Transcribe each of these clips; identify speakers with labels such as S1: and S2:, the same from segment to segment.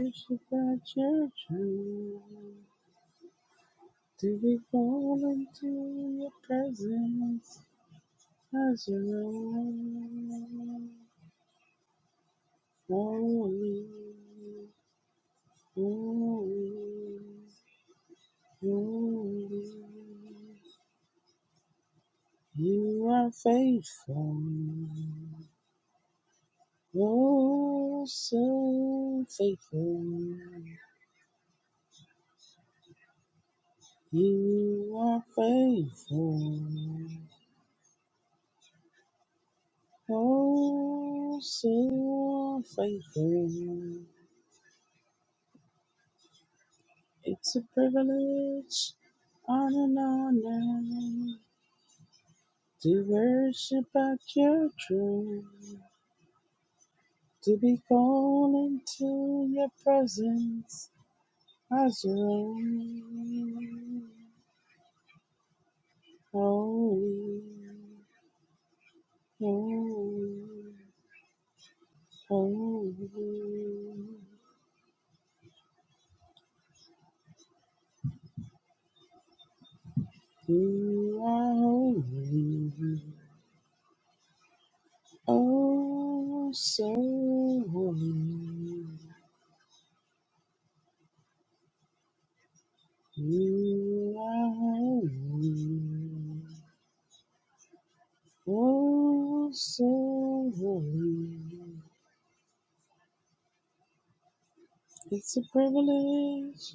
S1: Worship at your throne, to be called into your presence as you know. Holy, holy, holy. You are faithful, oh so faithful. You are faithful. Oh, so faithful. It's a privilege and an honor to worship at your throne, to be called into your presence as your own. Holy, holy, holy, you are holy. Oh, so holy, you are holy. Oh, so holy. It's a privilege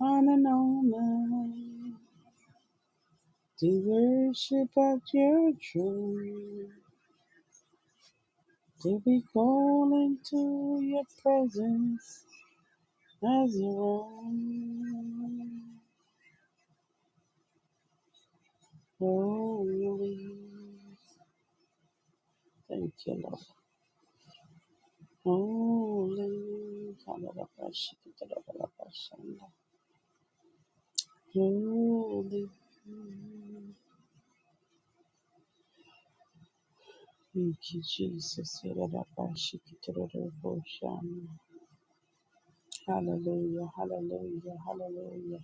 S1: and an honor to worship at your throne, to be called into your presence as your own. Holy. Thank you, Lord. Holy, Kadarabashikadarabarabashanda. holy, thank you, Jesus. Yadarabashikadaraboshanda. Hallelujah, hallelujah, hallelujah,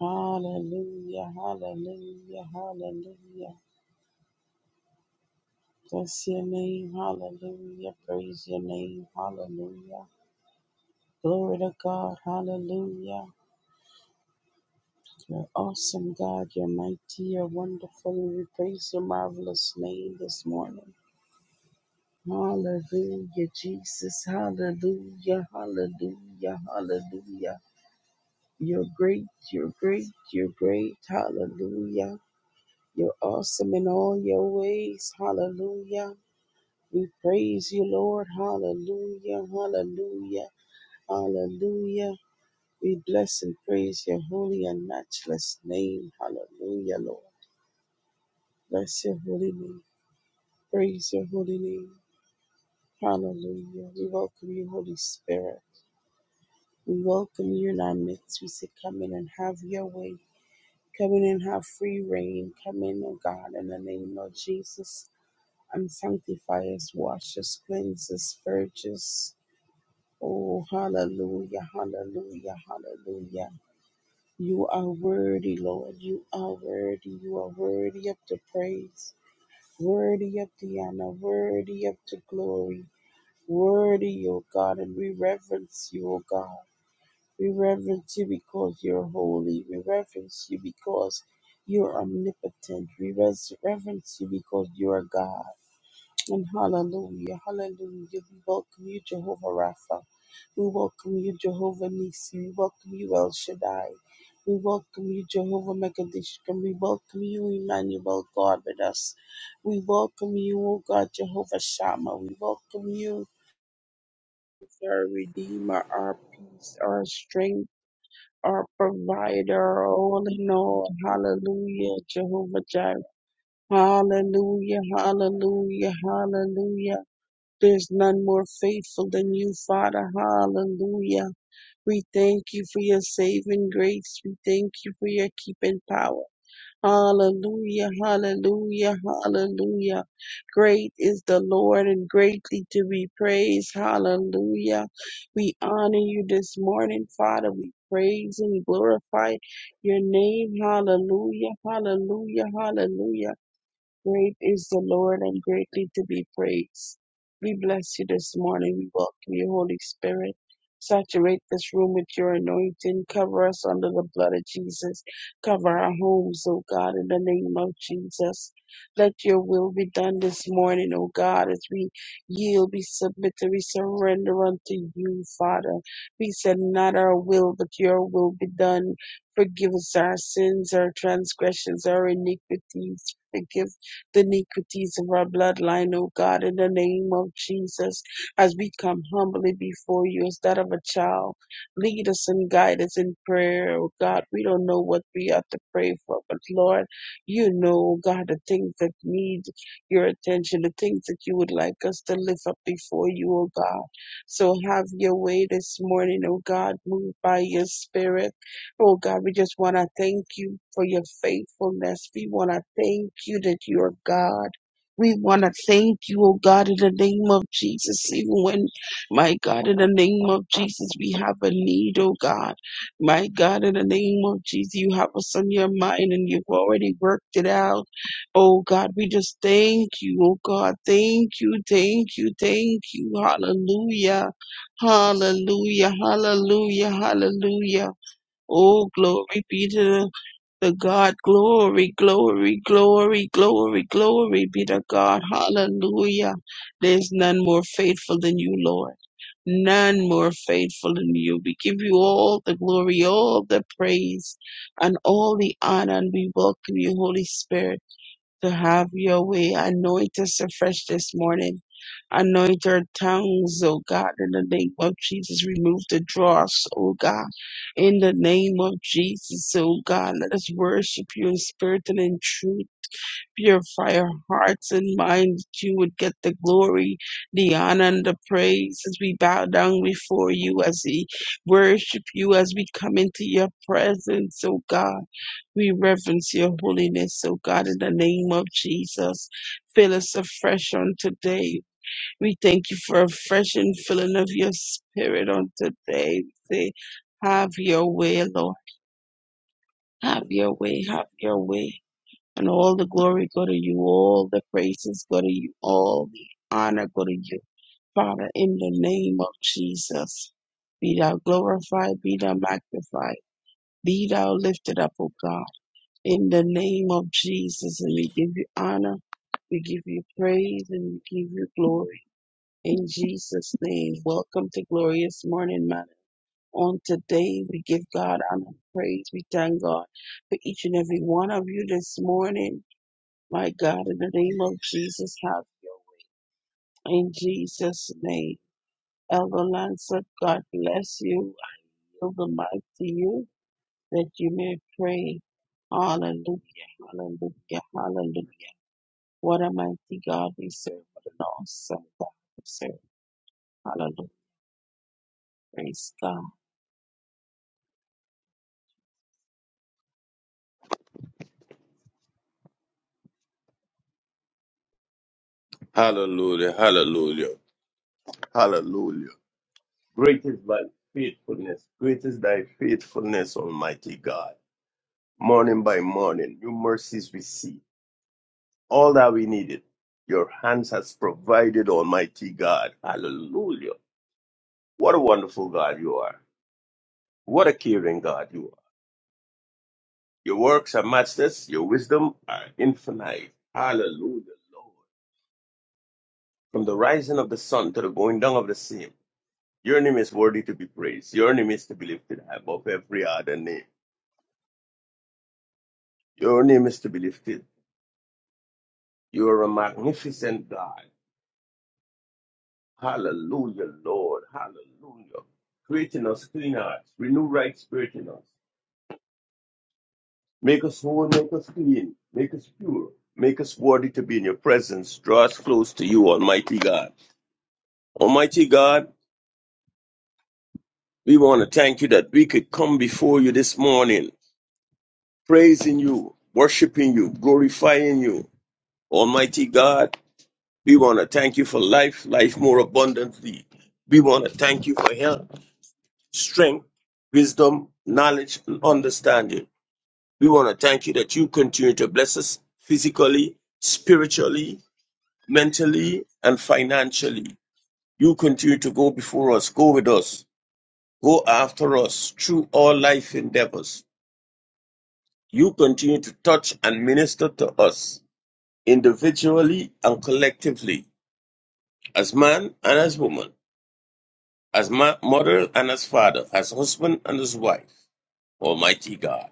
S1: hallelujah, hallelujah, hallelujah. Bless your name, hallelujah. Praise your name, hallelujah. Glory to God, hallelujah. You're awesome, God. You're mighty. You're wonderful. And we praise your marvelous name this morning. Hallelujah, Jesus. Hallelujah. Hallelujah. Hallelujah. You're great. You're great. You're great. Hallelujah. You're awesome in all your ways. Hallelujah. We praise you, Lord. Hallelujah. Hallelujah. Hallelujah. We bless and praise your holy and matchless name. Hallelujah, Lord. Bless your holy name. Praise your holy name. Hallelujah. We welcome you, Holy Spirit. We welcome you in our midst. We say, Come in and have your way. Come in and have free reign. Come in, O God, in the name of Jesus. And sanctify us, wash us, cleanse us, purge us. Oh, hallelujah, hallelujah, hallelujah. You are worthy, Lord. You are worthy. You are worthy of the praise, worthy of the honor, worthy of the glory. Worthy, O God, and we reverence you, O God. We reverence you because you're holy. We reverence you because you're omnipotent. We res- reverence you because you are God. And hallelujah, hallelujah. We welcome you, Jehovah Rapha. We welcome you, Jehovah Nisi. We welcome you, El Shaddai. We welcome you, Jehovah Mekadishkim. We welcome you, Emmanuel, God with us. We welcome you, O God, Jehovah Shammah. We welcome you our Redeemer, our peace, our strength, our provider, our all in all. Hallelujah, Jehovah Jireh. Hallelujah, hallelujah, hallelujah. There's none more faithful than you, Father. Hallelujah. We thank you for your saving grace. We thank you for your keeping power. Hallelujah, hallelujah, hallelujah. Great is the Lord and greatly to be praised. Hallelujah. We honor you this morning, Father. We praise and glorify your name. Hallelujah, hallelujah, hallelujah. Great is the Lord and greatly to be praised. We bless you this morning. We welcome you, Holy Spirit. Saturate this room with your anointing. Cover us under the blood of Jesus. Cover our homes, O God, in the name of Jesus. Let your will be done this morning, O God, as we yield, we submit, and we surrender unto you, Father. We said, Not our will, but your will be done. Forgive us our sins, our transgressions, our iniquities. Forgive the iniquities of our bloodline, O God, in the name of Jesus, as we come humbly before you as that of a child. Lead us and guide us in prayer, O God. We don't know what we ought to pray for, but Lord, you know, O God, the things that need your attention, the things that you would like us to lift up before you, O God. So have your way this morning, O God. Move by your spirit. Oh God, we just want to thank you for your faithfulness. We want to thank you that you are God. We want to thank you, oh God, in the name of Jesus. Even when, my God, in the name of Jesus, we have a need, oh God. My God, in the name of Jesus, you have us on your mind and you've already worked it out. Oh God, we just thank you, oh God. Thank you, thank you, thank you. Hallelujah. Hallelujah, hallelujah, hallelujah. Oh, glory be to the God. Glory, glory, glory, glory, glory be to God. Hallelujah. There's none more faithful than you, Lord. None more faithful than you. We give you all the glory, all the praise, and all the honor, and we welcome you, Holy Spirit to have your way. Anoint us afresh this morning. Anoint our tongues, O God, in the name of Jesus. Remove the dross, O God, in the name of Jesus, O God. Let us worship you in spirit and in truth. Purify our hearts and minds that you would get the glory, the honor, and the praise as we bow down before you, as we worship you, as we come into your presence, O God. We reverence your holiness, O God, in the name of Jesus. Fill us afresh on today. We thank you for a fresh infilling of your spirit on today. We say, have your way, Lord. Have your way, have your way. And all the glory go to you, all the praises go to you, all the honor go to you. Father, in the name of Jesus, be thou glorified, be thou magnified, be thou lifted up, O God. In the name of Jesus, and we give you honor, we give you praise, and we give you glory. In Jesus' name, welcome to Glorious Morning Matter. On today, we give God honor and praise. We thank God for each and every one of you this morning. My God, in the name of Jesus, have you In Jesus' name, Elder Lancer, God bless you. I yield the mic to you that you may pray. Hallelujah, hallelujah, hallelujah. What a mighty God we serve. What an awesome God we serve. Hallelujah. Praise God.
S2: Hallelujah, hallelujah, hallelujah. Great is thy faithfulness, great is thy faithfulness, Almighty God. Morning by morning, new mercies we see. All that we needed, your hands has provided, Almighty God. Hallelujah. What a wonderful God you are. What a caring God you are. Your works are matchless, your wisdom are infinite. Hallelujah, Lord. From the rising of the sun to the going down of the same. Your name is worthy to be praised. Your name is to be lifted above every other name. Your name is to be lifted. You are a magnificent God. Hallelujah, Lord. Hallelujah. Create in us clean hearts. Renew right spirit in us. Make us whole, make us clean, make us pure. Make us worthy to be in your presence. Draw us close to you, Almighty God. Almighty God, we want to thank you that we could come before you this morning, praising you, worshiping you, glorifying you. Almighty God, We want to thank you for life, life more abundantly. We want to thank you for health, strength, wisdom, knowledge, and understanding. We want to thank you that you continue to bless us physically, spiritually, mentally, and financially. You continue to go before us, go with us, go after us through all life endeavors. You continue to touch and minister to us individually and collectively, as man and as woman. as mo- mother and as father, as husband and as wife, Almighty God.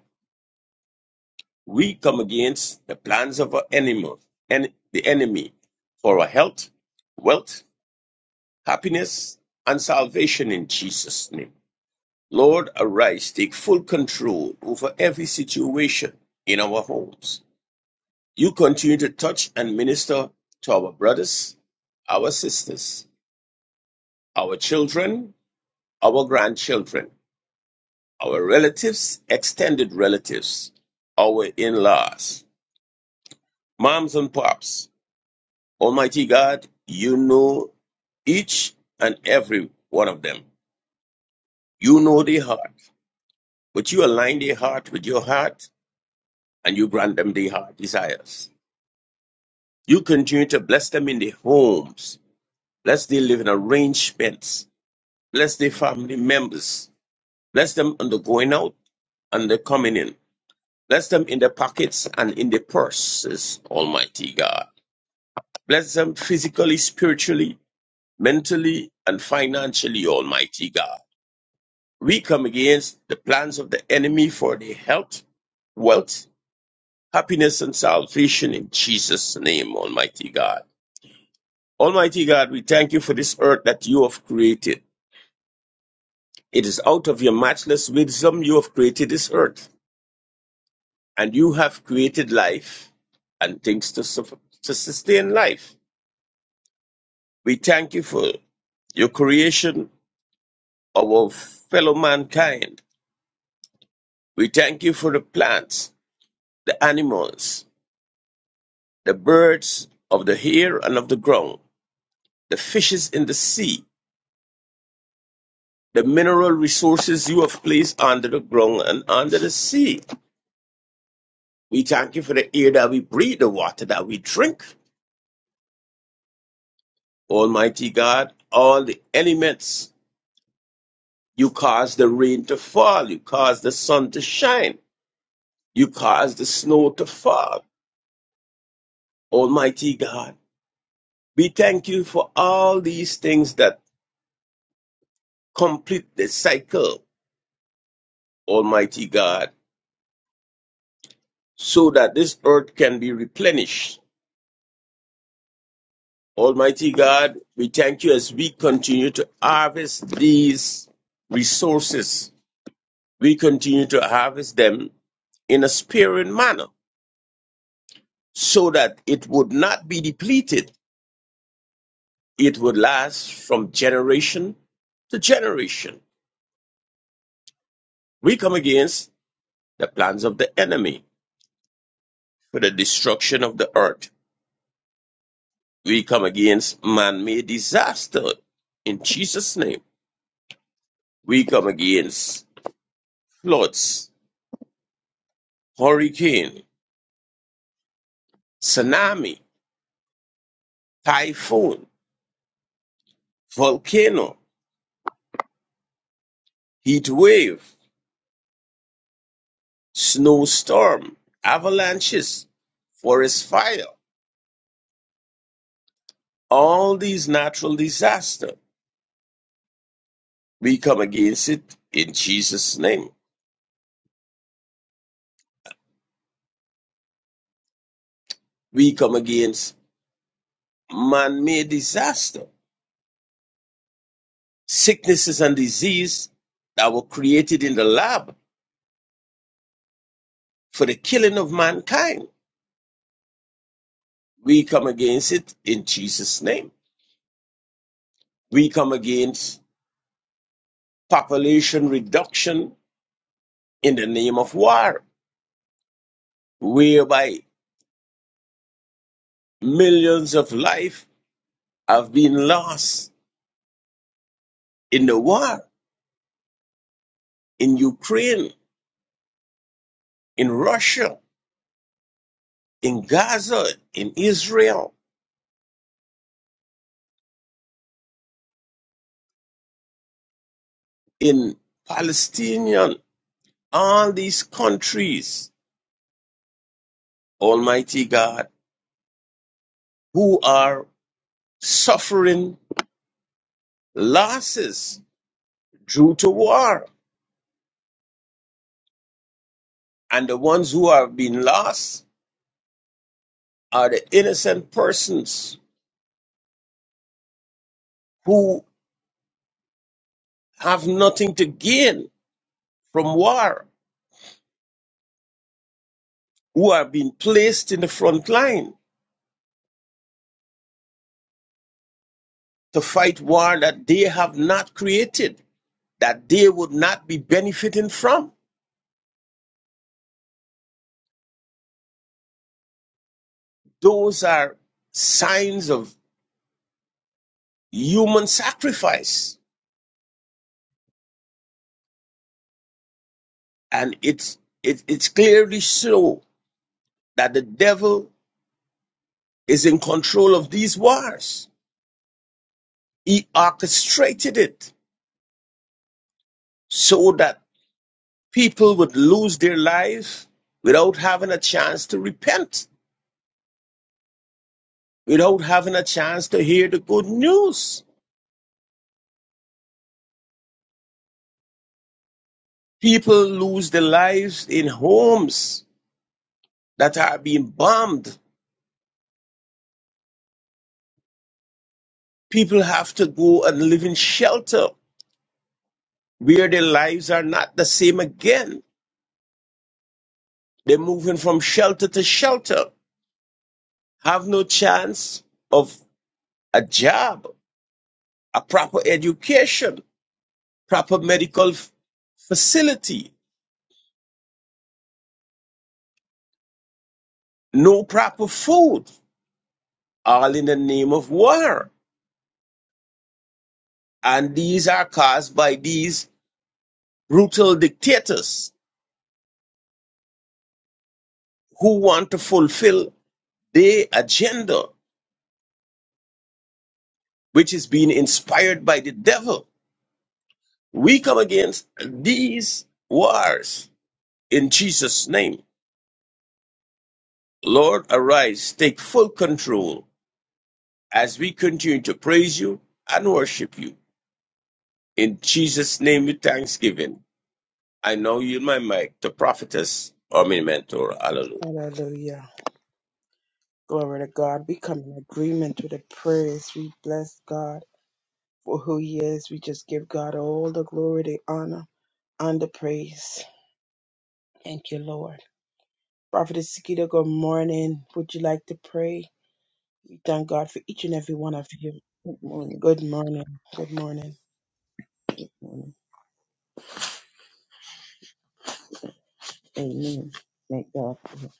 S2: We come against the plans of our enemy, and the enemy for our health, wealth, happiness, and salvation in Jesus' name. Lord, arise, take full control over every situation in our homes. You continue to touch and minister to our brothers, our sisters, our children, our grandchildren. our relatives, extended relatives, our in laws, moms and pops. Almighty God, you know each and every one of them. You know their heart, but you align their heart with your heart and you grant them their heart desires. You continue to bless them in their homes, bless their living arrangements, bless their family members, bless them on the going out and the coming in, bless them in their pockets and in their purses, Almighty God. Bless them physically, spiritually, mentally, and financially, Almighty God. We come against the plans of the enemy for their health, wealth, happiness, and salvation in Jesus' name, Almighty God. Almighty God, we thank you for this earth that you have created. It is out of your matchless wisdom you have created this earth, and you have created life and things to, suf- to sustain life. We thank you for your creation, our fellow mankind We thank you for the plants, the animals, the birds of the air and of the ground, the fishes in the sea, the mineral resources you have placed under the ground and under the sea. We thank you for the air that we breathe, the water that we drink. Almighty God, all the elements, you cause the rain to fall, you cause the sun to shine, you cause the snow to fall. Almighty God, we thank you for all these things that complete the cycle Almighty God, so that this earth can be replenished. Almighty God, we thank you as we continue to harvest these resources. We continue to harvest them in a sparing manner so that it would not be depleted. It would last from generation to generation. We come against the plans of the enemy for the destruction of the earth. We come against man made disaster in Jesus' name We come against floods, hurricane, tsunami, typhoon, volcano, heat wave, snowstorm, avalanches, forest fire. All these natural disasters, we come against it in Jesus' name. We come against man-made disaster, sicknesses and disease that were created in the lab for the killing of mankind. We come against it in Jesus' name We come against population reduction in the name of war, whereby millions of life have been lost in the war in Ukraine, in Russia, in Gaza, in Israel, in Palestinian, all these countries, Almighty God, who are suffering losses due to war. And the ones who have been lost are the innocent persons who have nothing to gain from war, who are being placed in the front line to fight war that they have not created, that they would not be benefiting from. Those are signs of human sacrifice. And it's, it, it's clearly so that the devil is in control of these wars. He orchestrated it so that people would lose their lives without having a chance to repent without having a chance to hear the good news. People lose their lives in homes that are being bombed. People have to go and live in shelter where their lives are not the same again. They're moving from shelter to shelter, have no chance of a job, a proper education, proper medical f- facility, no proper food, all in the name of war. And these are caused by these brutal dictators who want to fulfill their agenda, which is being inspired by the devil. We come against these wars in Jesus' name. Lord, arise, take full control as we continue to praise you and worship you. In Jesus' name with thanksgiving. I now yield my mic to prophetess or my mentor. Hallelujah.
S1: Hallelujah. Glory to God. We come in agreement with the prayers. We bless God for who He is. We just give God all the glory, the honor, and the praise. Thank you, Lord. Prophetess Sikita, good morning. Would you like to pray? We thank God for each and every one of you.
S3: Good morning.
S1: Good morning. Good morning.
S3: morning. Amen. Thank God for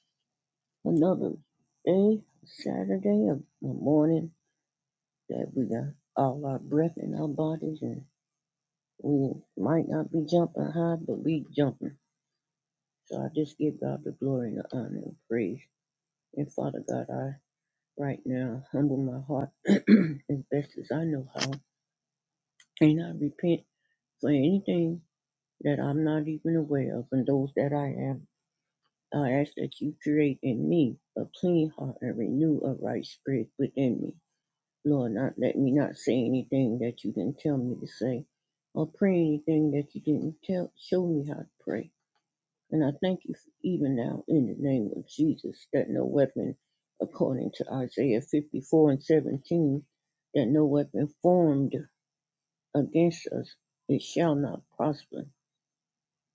S3: another day, Saturday of the morning that we got all our breath in our bodies and we might not be jumping high, but we jumping. So I just give God the glory and the honor and praise. And Father God, I right now humble my heart as best as I know how. And I repent for anything that I'm not even aware of and those that I am. I ask that you create in me a clean heart and renew a right spirit within me. Lord, not let me not say anything that you didn't tell me to say, or pray anything that you didn't tell show me how to pray. And I thank you for even now in the name of Jesus that no weapon, according to Isaiah 54 and 17, that no weapon formed against us it shall not prosper.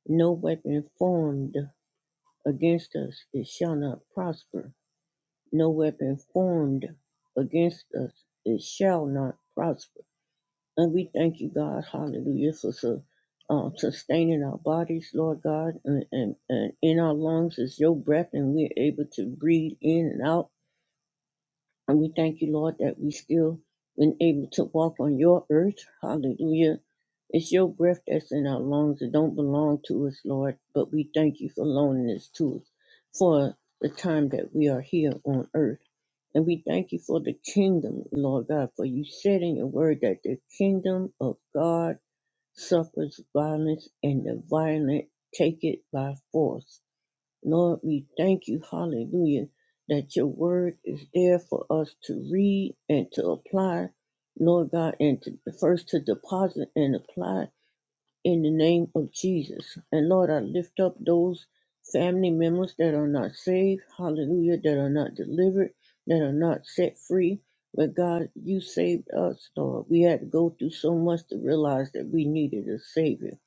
S3: No weapon formed against us it shall not prosper No weapon formed against us, it shall not prosper. And we thank you, God, hallelujah, for su- uh, sustaining our bodies, Lord God, and, and, and in our lungs is your breath, and we're able to breathe in and out. And we thank you, Lord, that we still been able to walk on your earth, hallelujah. It's your breath that's in our lungs. It don't belong to us, Lord, but we thank you for loaning this to us for the time that we are here on earth. And we thank you for the kingdom, Lord God, for you said in your word that the kingdom of God suffers violence and the violent take it by force. Lord, we thank you, hallelujah, that your word is there for us to read and to apply, Lord God, and to, first to deposit and apply in the name of Jesus. And Lord, I lift up those family members that are not saved, hallelujah, that are not delivered, that are not set free. But God, you saved us, Lord. We had to go through so much to realize that we needed a Savior.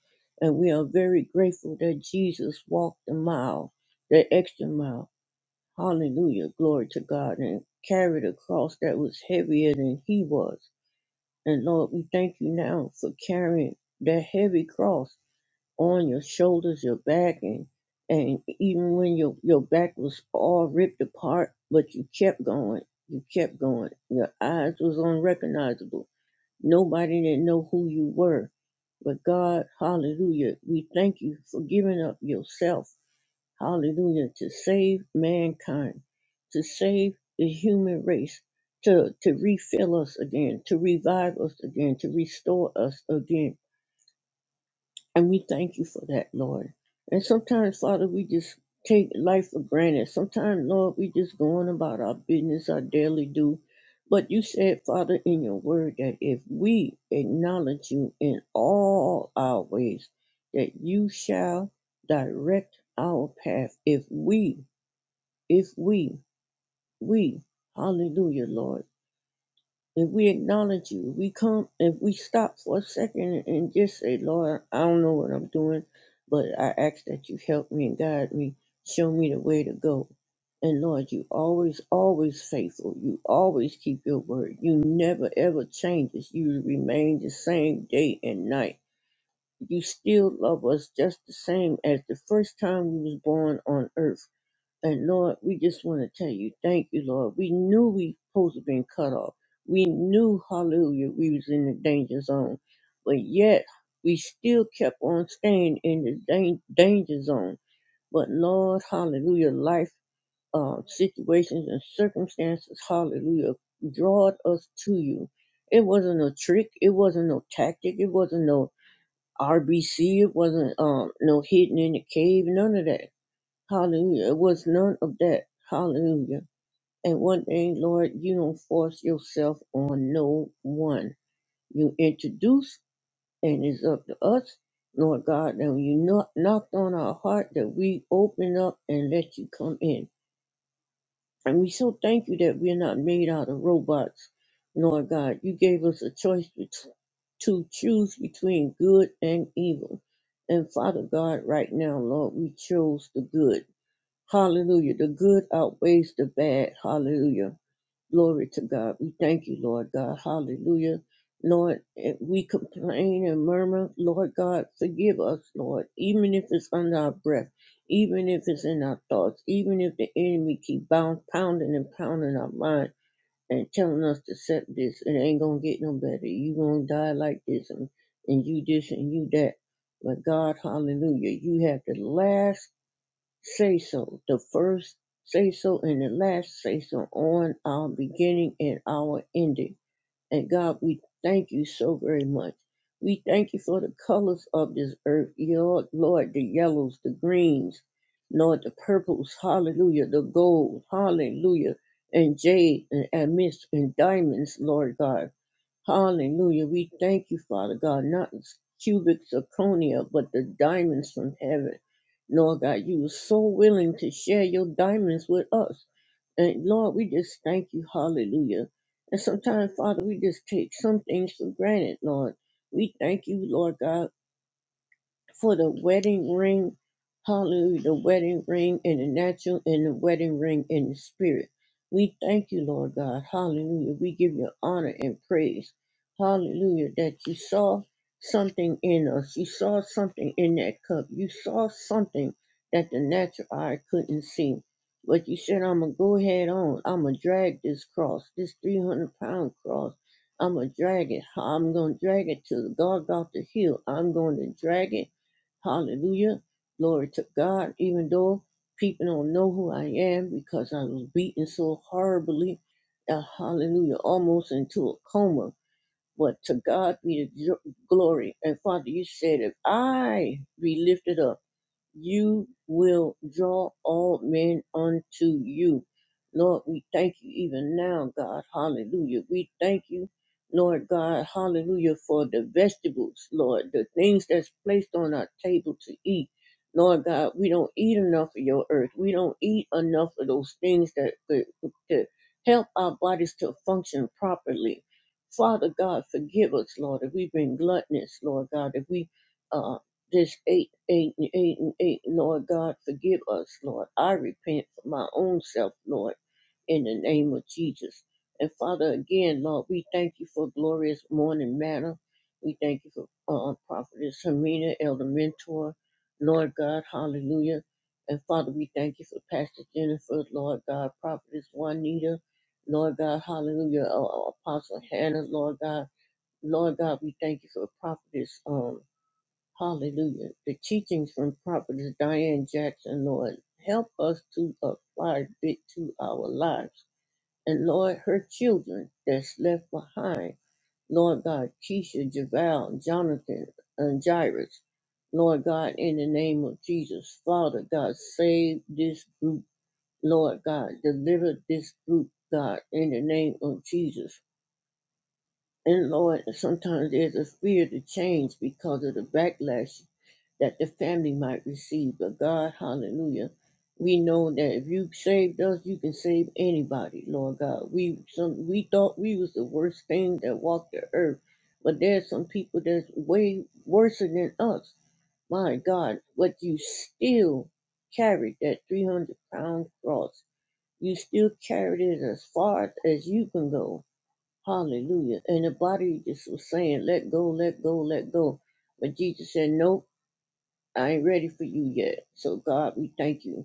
S3: And we are very grateful that Jesus walked the mile, the extra mile. Hallelujah. Glory to God. And carried a cross that was heavier than he was. And Lord, we thank you now for carrying that heavy cross on your shoulders, your back, and and even when your your back was all ripped apart, but you kept going. You kept going. Your eyes was unrecognizable. Nobody didn't know who you were. But God, hallelujah, we thank you for giving up yourself, hallelujah, to save mankind, to save the human race, to, to refill us again, to revive us again, to restore us again and we thank you for that, Lord. And sometimes, Father, we just take life for granted. Sometimes, Lord, we just go on about our business, our daily do. But you said, Father, in your word that if we acknowledge you in all our ways, that you shall direct our path. If we, if we, we, hallelujah, Lord if we acknowledge you, we come, if we stop for a second and just say, Lord, I don't know what I'm doing, but I ask that you help me and guide me, show me the way to go. And Lord, you always, always faithful. You always keep your word. You never ever changes. You remain the same day and night. You still love us just the same as the first time we was born on earth. And Lord, we just want to tell you, thank you, Lord. We knew we supposed to been cut off. We knew, hallelujah, we was in the danger zone. But yet, we still kept on staying in the dan- danger zone. But Lord, hallelujah, life uh, situations and circumstances, hallelujah, drawed us to you. It wasn't a trick. It wasn't no tactic. It wasn't no RBC. It wasn't um, no hidden in the cave. None of that Hallelujah. It was none of that. Hallelujah. And one thing, Lord, you don't force yourself on no one. You introduce, and it's up to us, Lord God, and you knock, knocked on our heart that we open up and let you come in. And we so thank you that we're not made out of robots, Lord God. You gave us a choice bet- to choose between good and evil. And Father God, right now, Lord, we chose the good. Hallelujah. The good outweighs the bad. Hallelujah. Glory to God. We thank you, Lord God. Hallelujah. Lord, if we complain and murmur, Lord God, forgive us, Lord, even if it's under our breath, even if it's in our thoughts, even if the enemy keep bound, pounding and pounding our mind and telling us to accept this, it ain't gonna get no better. You gonna die like this and, and you this and you that. But God, hallelujah, you have the last say so, the first say so and the last say so on our beginning and our ending. And God, we thank you so very much. We thank you for the colors of this earth, Lord, Lord, the yellows, the greens, Lord, the purples, hallelujah, the gold, hallelujah, and jade and amethyst and diamonds, Lord God. Hallelujah. We thank you, Father God, not cubic zirconia, but the diamonds from heaven. Lord God, you were so willing to share your diamonds with us. And Lord, we just thank you. Hallelujah. And sometimes, Father, we just take some things for granted, Lord. We thank you, Lord God for the wedding ring, hallelujah, the wedding ring in the natural and the wedding ring in the spirit. We thank you, Lord God, hallelujah. We give you honor and praise, hallelujah, that you saw something in us. You saw something in that cup. You saw something that the natural eye couldn't see. But you said, I'm going to go ahead on. I'm going to drag this cross, this 300 pound cross. I'm going to drag it. I'm going to drag it to the Golgotha Hill. I'm going to drag it Hallelujah. Glory to God. Even though people don't know who I am because I was beaten so horribly, uh, hallelujah, almost into a coma. But to God be the gl- glory. And Father, you said, if I be lifted up, you will draw all men unto you. Lord, we thank you even now, God. Hallelujah. We thank you, Lord God. Hallelujah for the vegetables, Lord, the things that's placed on our table to eat. Lord God, we don't eat enough of your earth. We don't eat enough of those things that could to help our bodies to function properly. Father God, forgive us, Lord, if we've been gluttonous, Lord God, if we uh, this eight, eight, and eight, and eight. Lord God, forgive us, Lord. I repent for my own self, Lord, in the name of Jesus. And Father, again, Lord, we thank you for glorious morning manna. We thank you for uh, Prophetess Hermina, Elder Mentor, Lord God, hallelujah. And Father, we thank you for Pastor Jennifer, Lord God, Prophetess Juanita, Lord God, hallelujah, uh, Apostle Hannah, Lord God. Lord God, we thank you for Prophetess, um. Hallelujah. The teachings from Prophetess Diane Jackson, Lord, help us to apply it to our lives. And Lord, her children that's left behind, Lord God, Keisha, Javal, Jonathan, and Jairus, Lord God, in the name of Jesus, Father God, save this group, Lord God, deliver this group, God, in the name of Jesus. And Lord, sometimes there's a fear to change because of the backlash that the family might receive. But God, hallelujah, we know that if you saved us, you can save anybody, Lord God. We some we thought we was the worst thing that walked the earth, but there's some people that's way worse than us. My God, but you still carried that 300 pound cross. You still carried it as far as you can go. Hallelujah. And the body just was saying, let go, let go, let go. But Jesus said, nope. I ain't ready for you yet. So, God, we thank you.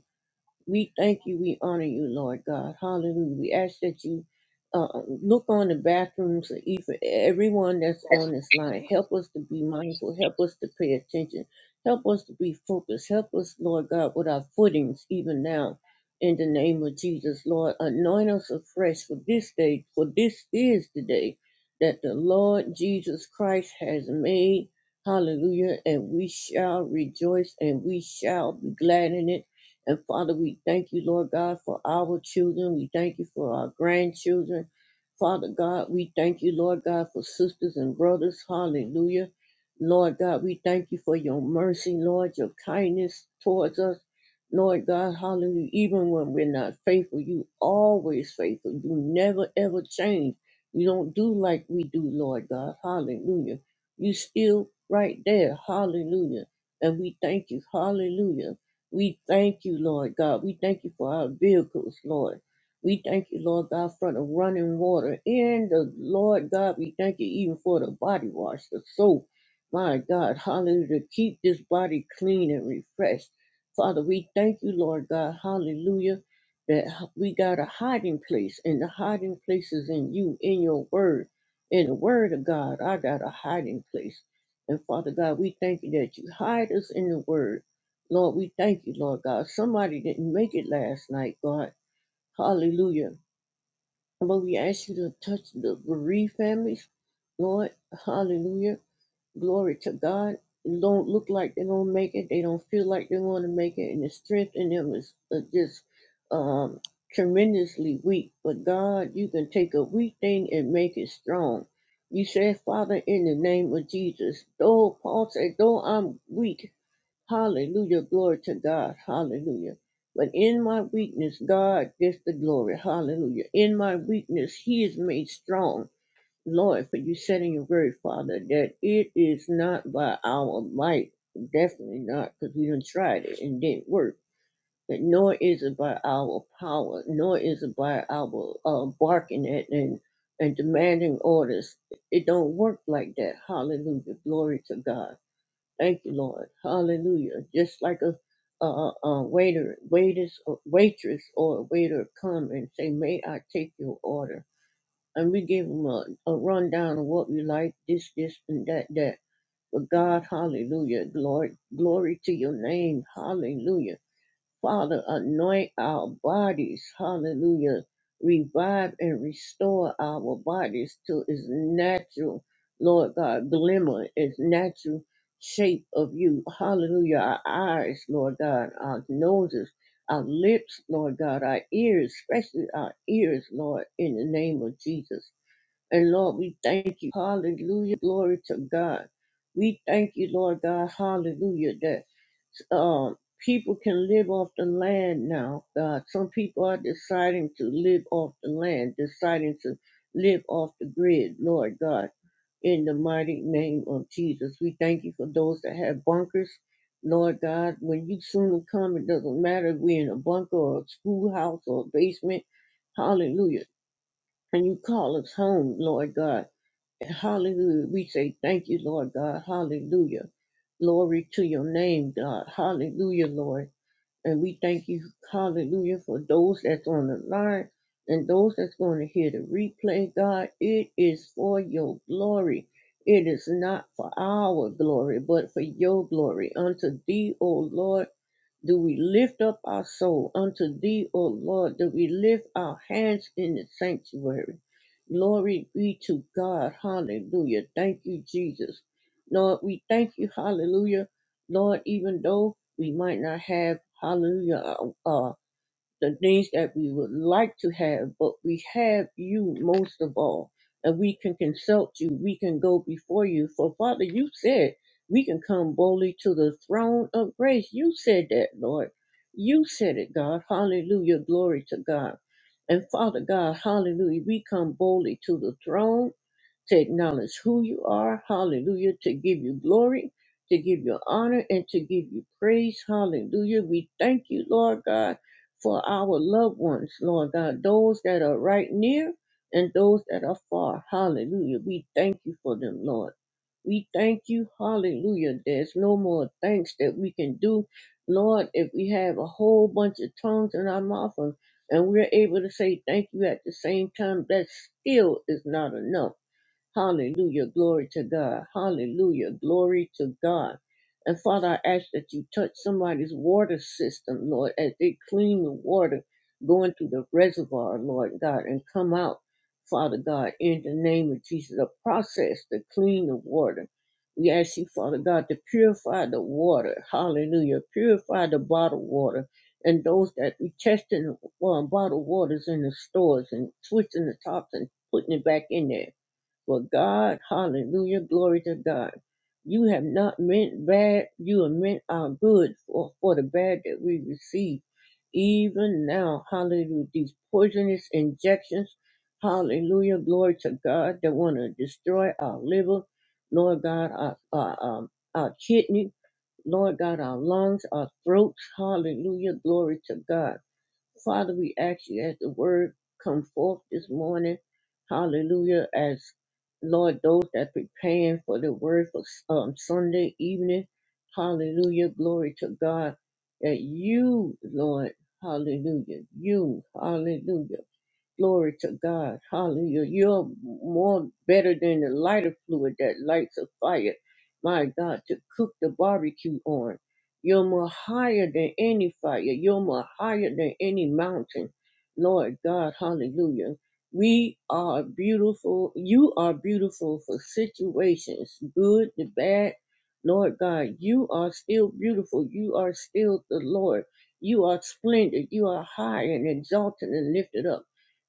S3: We thank you. We honor you, Lord God. Hallelujah. We ask that you uh, look on the bathrooms of each- everyone that's on this line. Help us to be mindful. Help us to pay attention. Help us to be focused. Help us, Lord God, with our footings even now. In the name of Jesus, Lord, anoint us afresh for this day, for this is the day that the Lord Jesus Christ has made. Hallelujah. And we shall rejoice and we shall be glad in it and Father, we thank you, Lord God, for our children. We thank you for our grandchildren. Father God, we thank you, Lord God, for sisters and brothers. Hallelujah. Lord God, we thank you for your mercy, Lord, your kindness towards us. Lord God, hallelujah. Even when we're not faithful, you always faithful. You never ever change. You don't do like we do, Lord God. Hallelujah. You still right there. Hallelujah. And we thank you. Hallelujah. We thank you, Lord God. We thank you for our vehicles, Lord. We thank you, Lord God, for the running water. And the Lord God, we thank you even for the body wash, the soap. My God, hallelujah. to Keep this body clean and refreshed. Father, we thank you, Lord God, hallelujah, that h- we got a hiding place, and the hiding place is in you, in your word. In the word of God, I got a hiding place. And Father God, we thank you that you hide us in the word. Lord, we thank you, Lord God. Somebody didn't make it last night, God. Hallelujah. But we ask you to touch the bereaved families, Lord. Hallelujah. Glory to God. It don't look like they're going to make it. They don't feel like they're going to make it. And the strength in them is uh, just um, tremendously weak. But God, you can take a weak thing and make it strong. You said, Father, in the name of Jesus, though Paul said, though I'm weak, Hallelujah. Glory to God. Hallelujah. But in my weakness, God gets the glory. Hallelujah. In my weakness, He is made strong. Lord, for you said in your word, Father, that it is not by our might, definitely not, because we done tried it and didn't work. But nor is it by our power, nor is it by our uh, barking at and, and demanding orders. It don't work like that. Hallelujah. Glory to God. Thank you, Lord. Hallelujah. Just like a, a, a waiter, waiters, or waitress, or a waiter come and say, "May I take your order?" And we give them a, a rundown of what we like, this, this, and that, that. But God, Hallelujah, glory, glory to your name, Hallelujah. Father, anoint our bodies. Hallelujah. Revive and restore our bodies to its natural, Lord God, glimmer, its natural shape of you. Hallelujah. Our eyes, Lord God, our noses, our lips, Lord God, our ears, especially our ears, Lord, in the name of Jesus. And Lord, we thank you. Hallelujah. Glory to God. We thank you, Lord God. Hallelujah. That um, people can live off the land now. God, some people are deciding to live off the land, deciding to live off the grid, Lord God. In the mighty name of Jesus, we thank you for those that have bunkers, Lord God. When you soon come, it doesn't matter if we're in a bunker or a schoolhouse or a basement. Hallelujah and you call us home, Lord God. Hallelujah. We say thank you, Lord God. Hallelujah. Glory to your name, God. Hallelujah, Lord. And we thank you, hallelujah, for those that's on the line and those that's going to hear the replay, God. It is for your glory. It is not for our glory, but for your glory. Unto thee, O Lord. Do we lift up our soul unto thee, O Lord? Do we lift our hands in the sanctuary? Glory be to God. Hallelujah. Thank you, Jesus. Lord, we thank you. Hallelujah. Lord, even though we might not have, hallelujah, uh, the things that we would like to have, but we have you most of all. And we can consult you, we can go before you. For Father, you said we can come boldly to the throne of grace. You said that, Lord. You said it, God. Hallelujah. Glory to God. And Father God, hallelujah, we come boldly to the throne to acknowledge who you are. Hallelujah. To give you glory, to give you honor, and to give you praise. Hallelujah. We thank you, Lord God, for our loved ones, Lord God, those that are right near and those that are far. Hallelujah. We thank you for them, Lord. We thank you. Hallelujah. There's no more thanks that we can do. Lord, if we have a whole bunch of tongues in our mouth and and we're able to say thank you at the same time, that still is not enough. Hallelujah. Glory to God. Hallelujah. Glory to God. And Father, I ask that you touch somebody's water system, Lord, as they clean the water going through the reservoir, Lord God, and come out, Father God, in the name of Jesus, a process to clean the water. We ask you, Father God, to purify the water. Hallelujah. Purify the bottled water. And those that be testing uh, bottled waters in the stores and twisting the tops and putting it back in there. But God, hallelujah, glory to God. You have not meant bad, you have meant our good for, for the bad that we receive. Even now, hallelujah, these poisonous injections, hallelujah, glory to God, that want to destroy our liver, Lord God, our, our, um, our kidney, Lord God, our lungs, our throats, hallelujah, glory to God. Father, we ask you as the word come forth this morning, hallelujah, as Lord, those that preparing for the word for um, Sunday evening, hallelujah, glory to God, that you, Lord, hallelujah, you, hallelujah. Glory to God. Hallelujah. You're more better than the lighter fluid that lights a fire. My God, to cook the barbecue on. You're more higher than any fire. You're more higher than any mountain. Lord God, hallelujah. We are beautiful. You are beautiful for situations, good, the bad. Lord God, you are still beautiful. You are still the Lord. You are splendid. You are high and exalted and lifted up.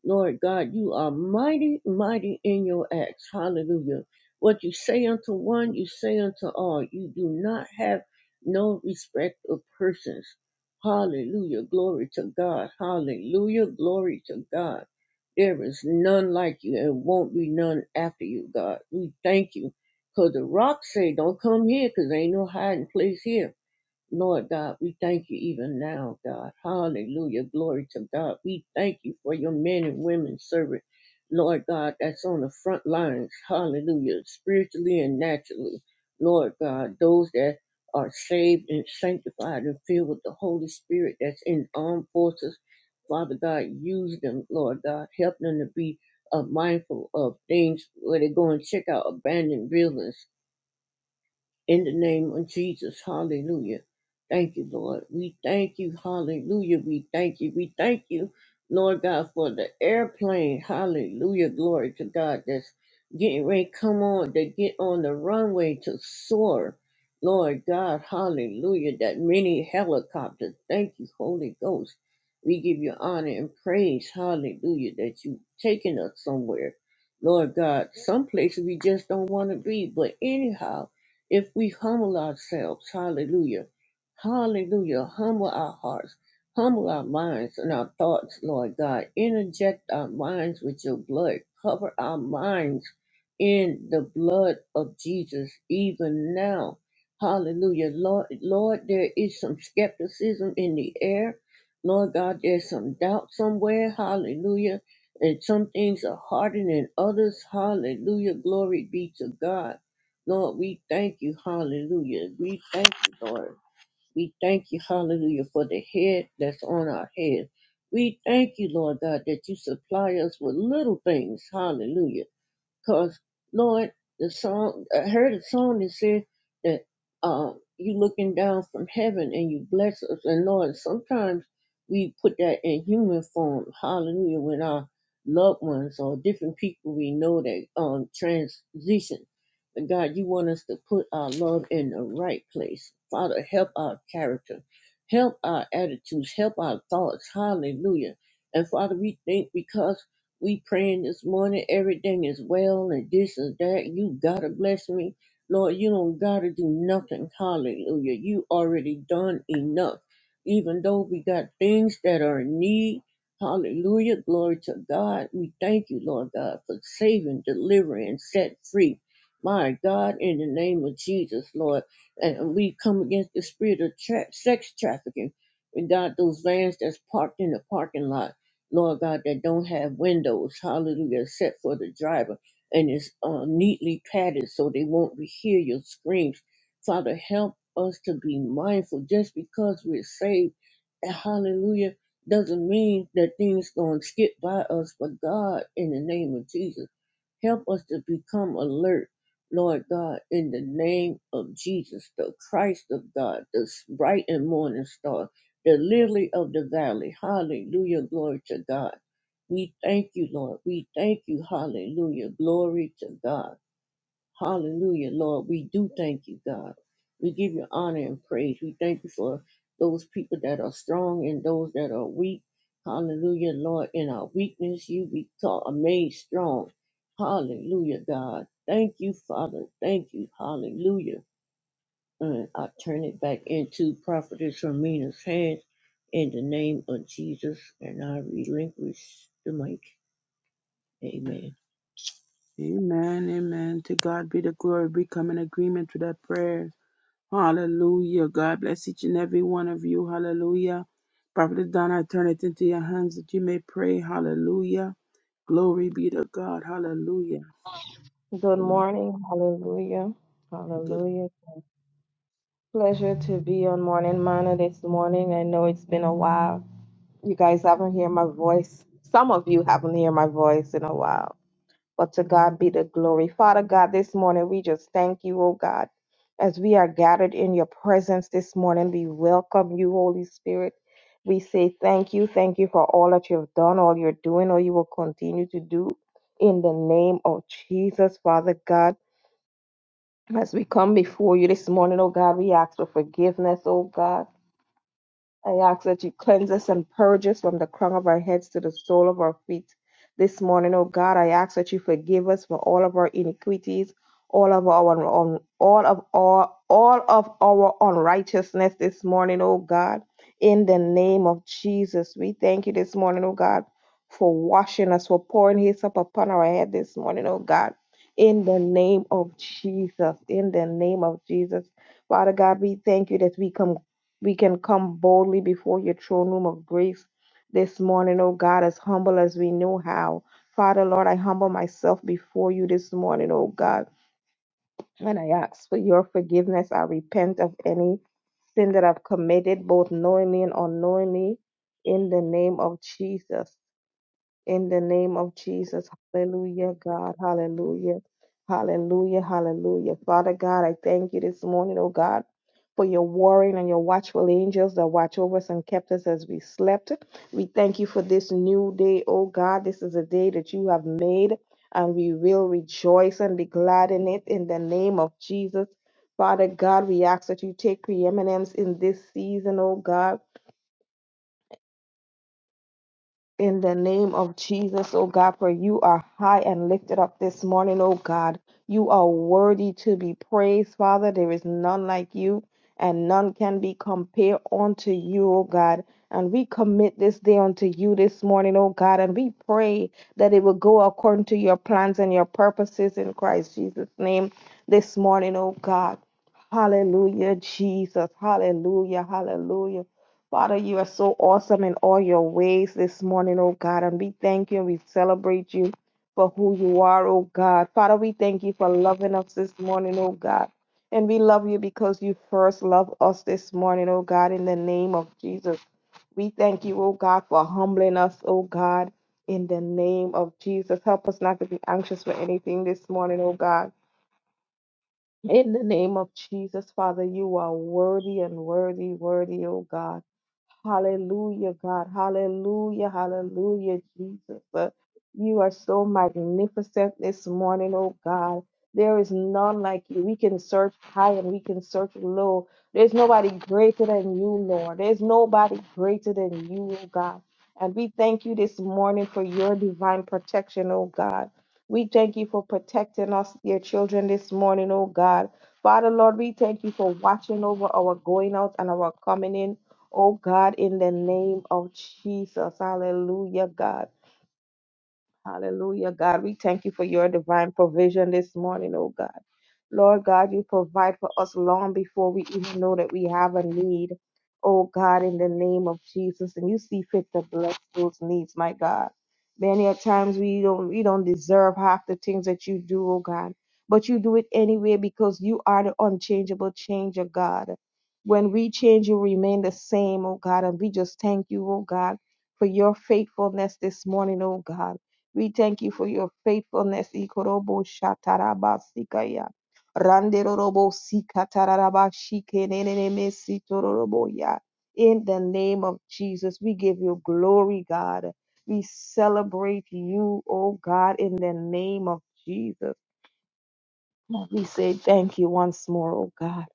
S3: Lord God, you are mighty, mighty in your acts. Hallelujah. What you say unto one, you say unto all. You do not have no respect of persons. Hallelujah. Glory to God. Hallelujah. Glory to God. There is none like you and won't be none after you, God. We thank you. Because the rocks say, don't come here because ain't no hiding place here. Lord God, we thank you even now, God. Hallelujah. Glory to God. We thank you for your men and women servant, Lord God, that's on the front lines. Hallelujah. Spiritually and naturally. Lord God, those that are saved and sanctified and filled with the Holy Spirit that's in armed forces. Father God, use them, Lord God. Help them to be uh, mindful of things where they go and check out abandoned buildings. In the name of Jesus, hallelujah. Thank you, Lord. We thank you, hallelujah. We thank you. We thank you, Lord God, for the airplane, hallelujah. Glory to God that's getting ready to come on, to get on the runway to soar. Lord God, hallelujah. That many helicopters. Thank you, Holy Ghost. We give you honor and praise, hallelujah, that you taking us somewhere. Lord God, some places we just don't want to be, but anyhow, if we humble ourselves, hallelujah, hallelujah, humble our hearts, humble our minds and our thoughts, Lord God, interject our minds with your blood, cover our minds in the blood of Jesus, even now. Hallelujah. Lord, Lord, there is some skepticism in the air. Lord God, there's some doubt somewhere. Hallelujah. And some things are harder than others. Hallelujah. Glory be to God. Lord, we thank you, hallelujah. We thank you, Lord. We thank you, hallelujah, for the head that's on our head. We thank you, Lord God, that you supply us with little things, hallelujah. Cause Lord, the song I heard a song that said that uh, you looking down from heaven and you bless us. And Lord, sometimes we put that in human form. Hallelujah! When our loved ones or different people we know that um transition, but God, you want us to put our love in the right place. Father, help our character, help our attitudes, help our thoughts. Hallelujah! And Father, we think because we praying this morning, everything is well and this and that. You gotta bless me. Lord, you don't gotta do nothing. Hallelujah. You already done enough. Even though we got things that are in need. Hallelujah. Glory to God. We thank you, Lord God, for saving, delivering, and set free. My God, in the name of Jesus, Lord. And we come against the spirit of tra- sex trafficking. We got those vans that's parked in the parking lot. Lord God, that don't have windows, hallelujah, except for the driver, and it's uh, neatly padded so they won't be- hear your screams. Father, help us to be mindful. Just because we're saved, and hallelujah, doesn't mean that things gonna skip by us. But God, in the name of Jesus, help us to become alert, Lord God, in the name of Jesus, the Christ of God, the s- bright and morning star the lily of the valley. Hallelujah. Glory to God. We thank you, Lord. We thank you. Hallelujah. Glory to God. Hallelujah, Lord. We do thank you, God. We give you honor and praise. We thank you for those people that are strong and those that are weak. Hallelujah, Lord. In our weakness, you be taught, are made strong. Hallelujah, God. Thank you, Father. Thank you. Hallelujah and I turn it back into Prophetess Ramina's hands in the name of Jesus, and I relinquish the mic. Amen.
S1: Amen. Amen. To God be the glory. We come in agreement with that prayer. Hallelujah. God bless each and every one of you. Hallelujah. Prophet Donna, I turn it into your hands that you may pray. Hallelujah. Glory be to God. Hallelujah.
S4: Good
S1: Lord.
S4: morning. Hallelujah. Hallelujah. Pleasure to be on Morning Manna this morning. I know it's been a while. You guys haven't heard my voice. Some of you haven't heard my voice in a while. But to God be the glory. Father God, this morning we just thank you, oh God. As we are gathered in your presence this morning, we welcome you, Holy Spirit. We say thank you. Thank you for all that you have done, all you're doing, all you will continue to do. In the name of Jesus, Father God. As we come before you this morning, oh God, we ask for forgiveness, oh God. I ask that you cleanse us and purge us from the crown of our heads to the sole of our feet. This morning, O God, I ask that you forgive us for all of our iniquities, all of our un- all of our all of our unrighteousness this morning, O God. In the name of Jesus, we thank you this morning, O God, for washing us, for pouring His up upon our head this morning, O God. In the name of Jesus, in the name of Jesus, Father God, we thank you that we come we can come boldly before your throne room of grace this morning, oh God, as humble as we know how. Father, Lord, I humble myself before you this morning, oh God, and I ask for your forgiveness. I repent of any sin that I've committed, both knowingly and unknowingly, in the name of Jesus. In the name of Jesus, hallelujah, God, hallelujah, hallelujah, hallelujah. Father God, I thank you this morning, oh God, for your warring and your watchful angels that watch over us and kept us as we slept. We thank you for this new day, oh God. This is a day that you have made, and we will rejoice and be glad in it in the name of Jesus. Father God, we ask that you take preeminence in this season, oh God. In the name of Jesus, oh God, for you are high and lifted up this morning, oh God. You are worthy to be praised, Father. There is none like you, and none can be compared unto you, oh God. And we commit this day unto you this morning, oh God, and we pray that it will go according to your plans and your purposes in Christ Jesus' name this morning, oh God. Hallelujah, Jesus. Hallelujah, hallelujah. Father, you are so awesome in all your ways this morning, oh God, and we thank you and we celebrate you for who you are, oh God. Father, we thank you for loving us this morning, oh God. And we love you because you first love us this morning, oh God, in the name of Jesus. We thank you, oh God, for humbling us, oh God, in the name of Jesus. Help us not to be anxious for anything this morning, oh God. In the name of Jesus, Father, you are worthy and worthy, worthy, oh God. Hallelujah, God. Hallelujah. Hallelujah, Jesus. Uh, You are so magnificent this morning, oh God. There is none like you. We can search high and we can search low. There's nobody greater than you, Lord. There's nobody greater than you, oh God. And we thank you this morning for your divine protection, oh God. We thank you for protecting us, dear children, this morning, oh God. Father, Lord, we thank you for watching over our going out and our coming in. Oh God, in the name of Jesus, hallelujah, God. Hallelujah. God, we thank you for your divine provision this morning, oh God. Lord God, you provide for us long before we even know that we have a need, oh God, in the name of Jesus. And you see fit to bless those needs, my God. Many a times we don't we don't deserve half the things that you do, oh God. But you do it anyway because you are the unchangeable changer, God. When we change, you remain the same, oh God. And we just thank you, oh God, for your faithfulness this morning, oh God. We thank you for your faithfulness. Ikorobo shataraba sikaya. Randerorobo sikatararaba shikeneneneme sitororobo ya. In the name of Jesus, we give you glory, God. We celebrate you, oh God, in the name of Jesus. We say thank you once more, oh God.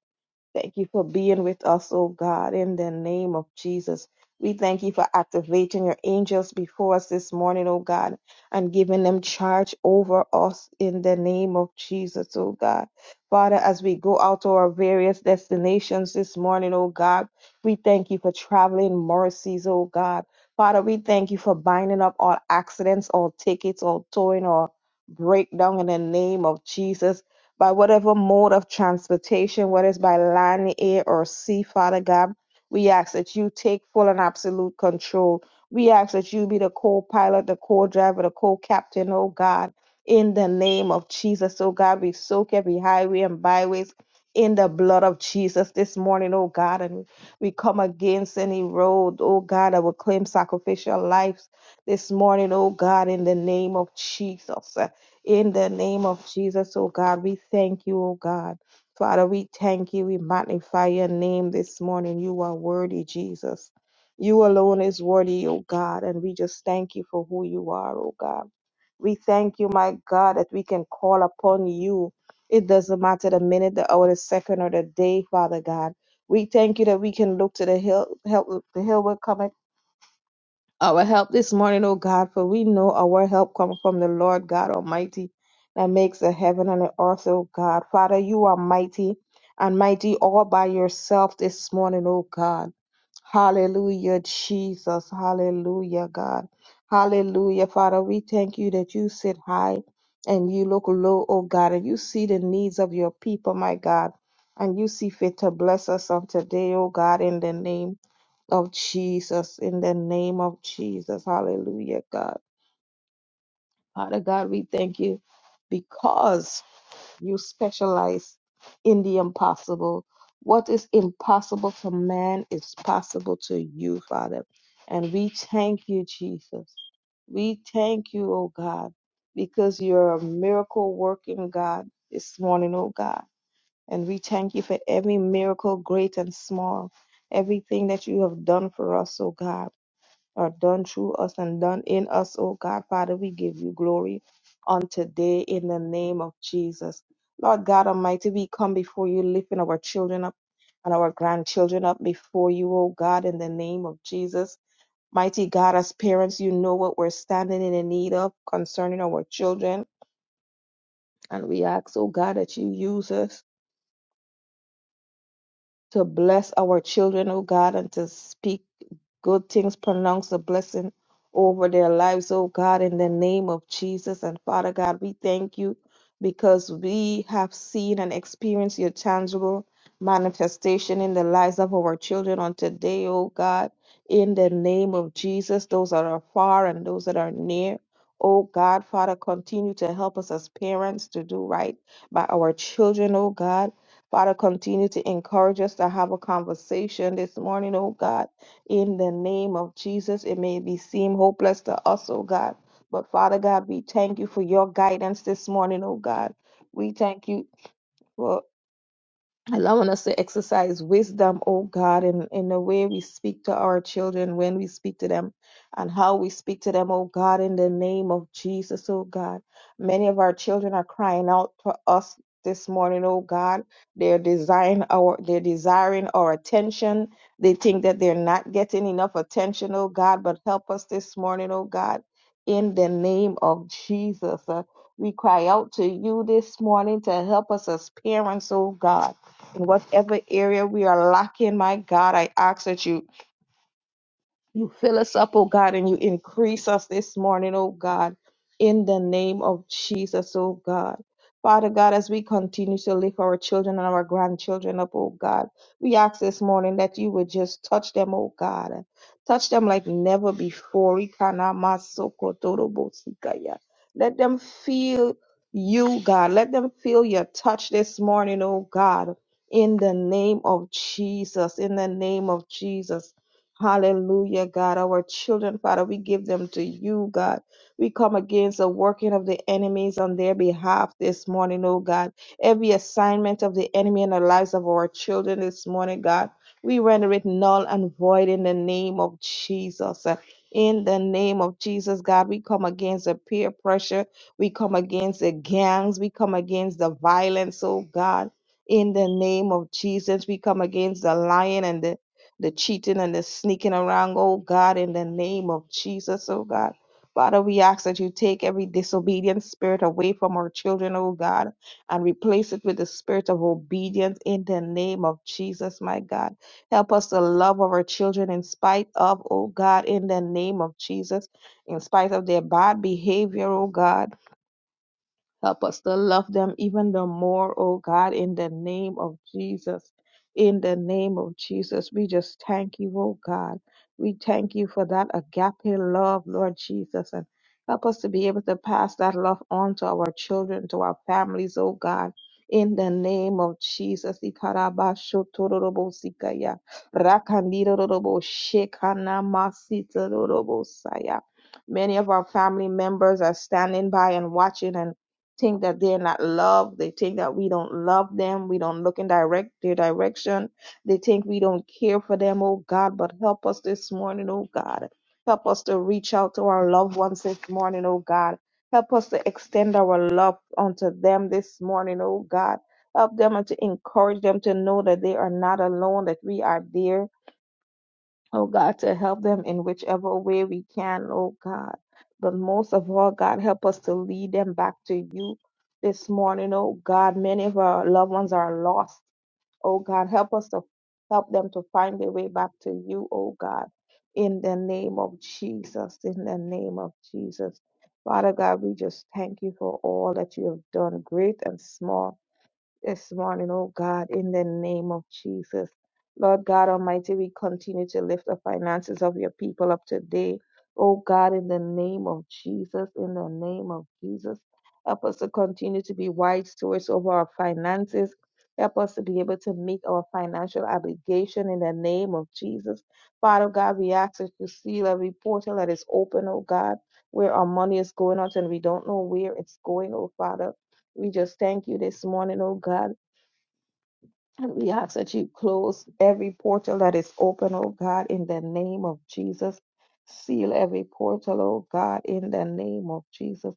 S4: Thank you for being with us, oh God, in the name of Jesus. We thank you for activating your angels before us this morning, oh God, and giving them charge over us in the name of Jesus, oh God. Father, as we go out to our various destinations this morning, oh God, we thank you for traveling mercies, oh God. Father, we thank you for binding up all accidents, all tickets, all towing, all breakdown in the name of Jesus by whatever mode of transportation, whether it's by land, air, or sea, Father God. We ask that you take full and absolute control. We ask that you be the co pilot, the co driver, the co captain, oh God. In the name of Jesus, oh God, we soak every highway and byways in the blood of Jesus this morning, oh God. And we come against any road, oh God, that will claim sacrificial lives this morning, oh God, in the name of Jesus. In the name of Jesus, oh God, we thank you, oh God. Father, we thank you. We magnify your name this morning. You are worthy, Jesus. You alone is worthy, oh God, and we just thank you for who you are, oh God. We thank you, my God, that we can call upon you. It doesn't matter the minute, the hour, the second, or the day, Father God. We thank you that we can look to the hill, help the hill will come our help this morning, O God, for we know our help comes from the Lord God Almighty that makes the heaven and the earth, O God. Father, you are mighty and mighty all by yourself this morning, O God. Hallelujah, Jesus. Hallelujah, God. Hallelujah, Father. We thank you that you sit high and you look low, O God, and you see the needs of your people, my God. And you see fit to bless us on today, O God, in the name of Jesus, in the name of Jesus. Hallelujah, God. Father God, we thank you because you specialize in the impossible. What is impossible for man is possible to you, Father. And we thank you, Jesus. We thank you, oh God, because you're a miracle working God this morning, oh God. And we thank you for every miracle, great and small, everything that you have done for us, oh God are done through us and done in us, oh God. Father, we give you glory on today in the name of Jesus. Lord God Almighty, we come before you, lifting our children up and our grandchildren up before you, oh God, in the name of Jesus. Mighty God, as parents, you know what we're standing in the need of concerning our children. And we ask, oh God, that you use us to bless our children, oh God, and to speak good things. Pronounce a blessing over their lives, oh God, in the name of Jesus. And Father God, we thank you because we have seen and experienced your tangible manifestation in the lives of our children on today, oh God, in the name of Jesus, those that are far and those that are near. Oh God, Father, continue to help us as parents to do right by our children, oh God. Father, continue to encourage us to have a conversation this morning, oh God in the name of Jesus. It may be seem hopeless to us, oh God. But Father God, we thank you for your guidance this morning, oh God. We thank you. for. Allowing us to exercise wisdom, oh God, in, in the way we speak to our children, when we speak to them, and how we speak to them, oh God, in the name of Jesus, oh God. Many of our children are crying out to us this morning, oh God. They're desiring our they're desiring our attention. They think that they're not getting enough attention, oh God, but help us this morning, oh God, in the name of Jesus. Uh, we cry out to you this morning to help us as parents, oh God in whatever area we are lacking, my God, I ask that you you fill us up, oh God, and you increase us this morning, oh God, in the name of Jesus, oh God. Father God, as we continue to lift our children and our grandchildren up, oh God, we ask this morning that you would just touch them, oh God. Touch them like never before. Ikanamasokotorobotsikaya. Let them feel you, God. Let them feel your touch this morning, oh God. In the name of Jesus, in the name of Jesus. Hallelujah, God. Our children, Father, we give them to you, God. We come against the working of the enemies on their behalf this morning, oh God. Every assignment of the enemy in the lives of our children this morning, God, we render it null and void in the name of Jesus. In the name of Jesus, God, we come against the peer pressure. We come against the gangs. We come against the violence, oh God. In the name of Jesus, we come against the lion and the the cheating and the sneaking around, oh God, in the name of Jesus, oh God. Father, we ask that you take every disobedient spirit away from our children, oh God, and replace it with the spirit of obedience in the name of Jesus, my God. Help us to love our children in spite of, oh God, in the name of Jesus, in spite of their bad behavior, oh God. Help us to love them even the more, oh God, in the name of Jesus. In the name of Jesus, we just thank you, oh God. We thank you for that agape love, Lord Jesus. And help us to be able to pass that love on to our children, to our families, oh God. In the name of Jesus, Ikarabashotororobosikaya, rakandiroroboshekanamasitororobosaya. many of our family members are standing by and watching, and think that they're not loved. They think that we don't love them. We don't look in direct their direction. They think we don't care for them, oh God. But help us this morning, oh God. Help us to reach out to our loved ones this morning, oh God. Help us to extend our love unto them this morning, oh God. Help them and to encourage them to know that they are not alone, that we are there Oh God, to help them in whichever way we can, oh God. But most of all, God, help us to lead them back to you this morning, oh God. Many of our loved ones are lost, oh God. Help us to help them to find their way back to you, oh God. In the name of Jesus, in the name of Jesus. Father God, we just thank you for all that you have done, great and small this morning, oh God, in the name of Jesus. Lord God Almighty, we continue to lift the finances of your people up today. Oh God, in the name of Jesus, in the name of Jesus, help us to continue to be wise stewards over our finances. Help us to be able to meet our financial obligation in the name of Jesus. Father God, we ask that you seal every portal that is open, oh God, where our money is going out and we don't know where it's going, oh Father. We just thank you this morning, oh God. And we ask that you close every portal that is open, oh God, in the name of Jesus. Seal every portal, oh God, in the name of Jesus.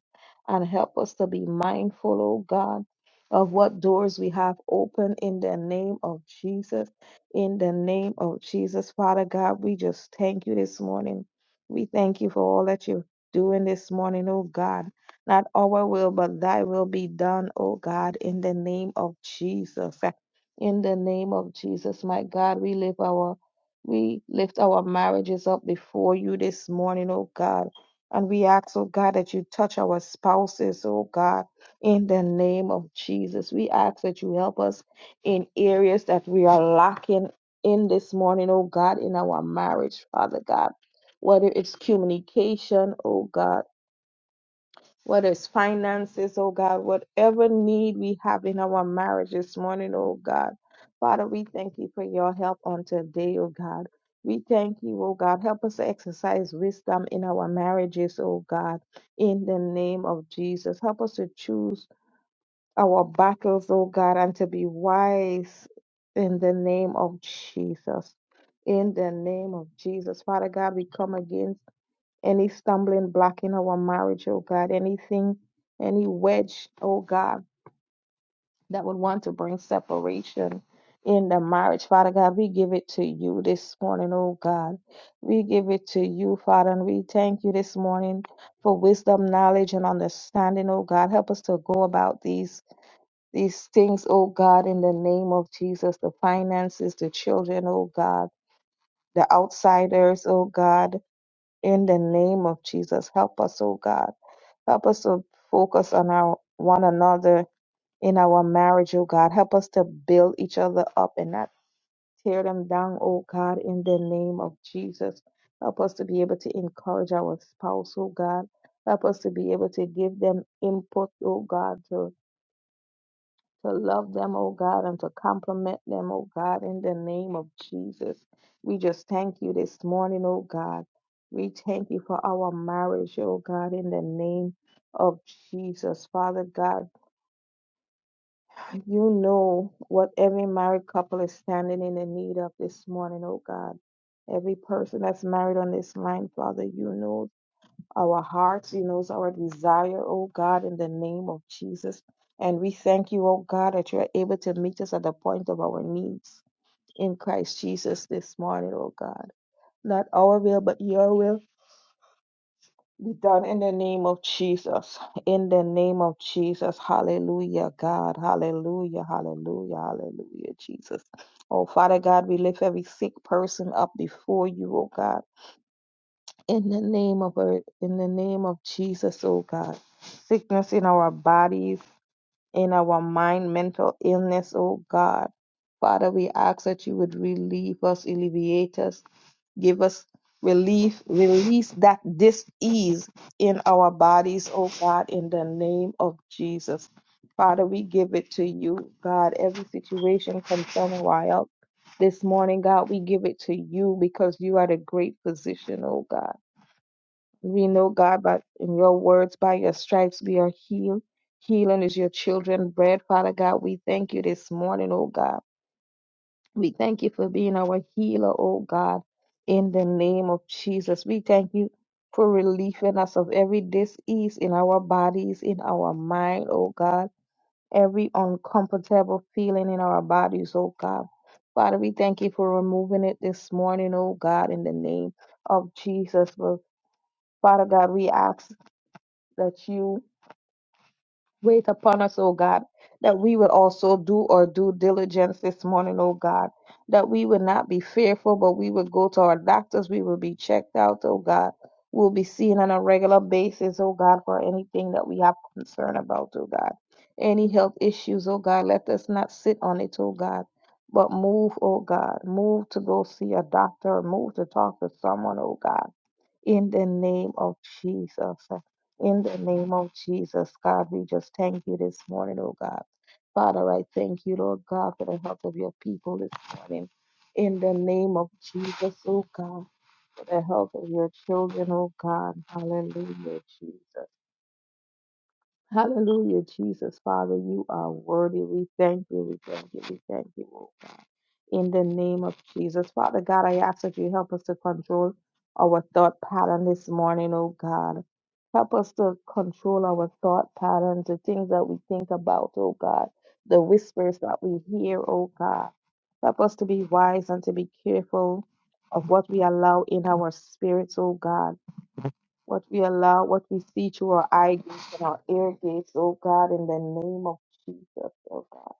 S4: And help us to be mindful, oh God, of what doors we have open in the name of Jesus. In the name of Jesus, Father God, we just thank you this morning. We thank you for all that you're doing this morning, oh God. Not our will, but thy will be done, oh God, in the name of Jesus in the name of Jesus. My God, we lift our we lift our marriages up before you this morning, oh God. And we ask, oh God, that you touch our spouses, oh God, in the name of Jesus. We ask that you help us in areas that we are lacking in this morning, oh God, in our marriage, Father God. Whether it's communication, oh God whether it's finances, oh God, whatever need we have in our marriage this morning, oh God. Father, we thank you for your help on today, oh God. We thank you, oh God. Help us to exercise wisdom in our marriages, oh God, in the name of Jesus. Help us to choose our battles, oh God, and to be wise in the name of Jesus. In the name of Jesus. Father God, we come against any stumbling block in our marriage, oh God, anything, any wedge, oh God, that would want to bring separation in the marriage, Father God, we give it to you this morning, oh God. We give it to you, Father, and we thank you this morning for wisdom, knowledge, and understanding, oh God. Help us to go about these these things, oh God, in the name of Jesus, the finances, the children, oh God, the outsiders, oh God, in the name of Jesus. Help us, oh God Help us to focus on our one another in our marriage, oh God. Help us to build each other up and not tear them down, oh God, in the name of Jesus. Help us to be able to encourage our spouse, oh God. Help us to be able to give them input, oh God, to to love them, oh God, and to compliment them, oh God, in the name of Jesus. We just thank you this morning, oh God. We thank you for our marriage, oh God, in the name of Jesus. Father God, you know what every married couple is standing in the need of this morning, oh God. Every person that's married on this line, Father, you know our hearts. You knows our desire, oh God, in the name of Jesus. And we thank you, oh God, that you are able to meet us at the point of our needs in Christ Jesus this morning, oh God. Not our will, but your will be done in the name of Jesus. In the name of Jesus. Hallelujah, God. Hallelujah, hallelujah, hallelujah, Jesus. Oh, Father God, we lift every sick person up before you, oh God. In the name of our, in the name of Jesus, oh God. Sickness in our bodies, in our mind, mental illness, oh God. Father, we ask that you would relieve us, alleviate us, give us relief, release that dis-ease in our bodies, oh God, in the name of Jesus. Father, we give it to you, God, every situation concerning our health. This morning, God, we give it to you because you are the great physician, oh God. We know, God, but in your words, by your stripes we are healed. Healing is your children bread, Father God. We thank you this morning, oh God. We thank you for being our healer, oh God, in the name of Jesus. We thank you for relieving us of every disease in our bodies, in our mind, oh God, every uncomfortable feeling in our bodies, oh God. Father, we thank you for removing it this morning, oh God, in the name of Jesus. Father God, we ask that you wait upon us, O God, that we would also do our due diligence this morning, O God, that we would not be fearful, but we would go to our doctors, we will be checked out, O God. We'll be seen on a regular basis, O God, for anything that we have concern about, O God. Any health issues, O God, let us not sit on it, O God. But move, O God, move to go see a doctor, move to talk to someone, O God in the name of Jesus. In the name of Jesus, God, we just thank you this morning, oh God. Father, I thank you, Lord God, for the health of your people this morning. In the name of Jesus, oh God, for the health of your children, oh God. Hallelujah, Jesus. Hallelujah, Jesus, Father, you are worthy. We thank you, we thank you, we thank you, oh God. In the name of Jesus, Father God, I ask that you help us to control our thought pattern this morning, oh God. Help us to control our thought patterns, the things that we think about, oh God, the whispers that we hear, oh God. Help us to be wise and to be careful of what we allow in our spirits, oh God what we allow, what we see through our eye gates and our ear gates, oh God, in the name of Jesus, oh God.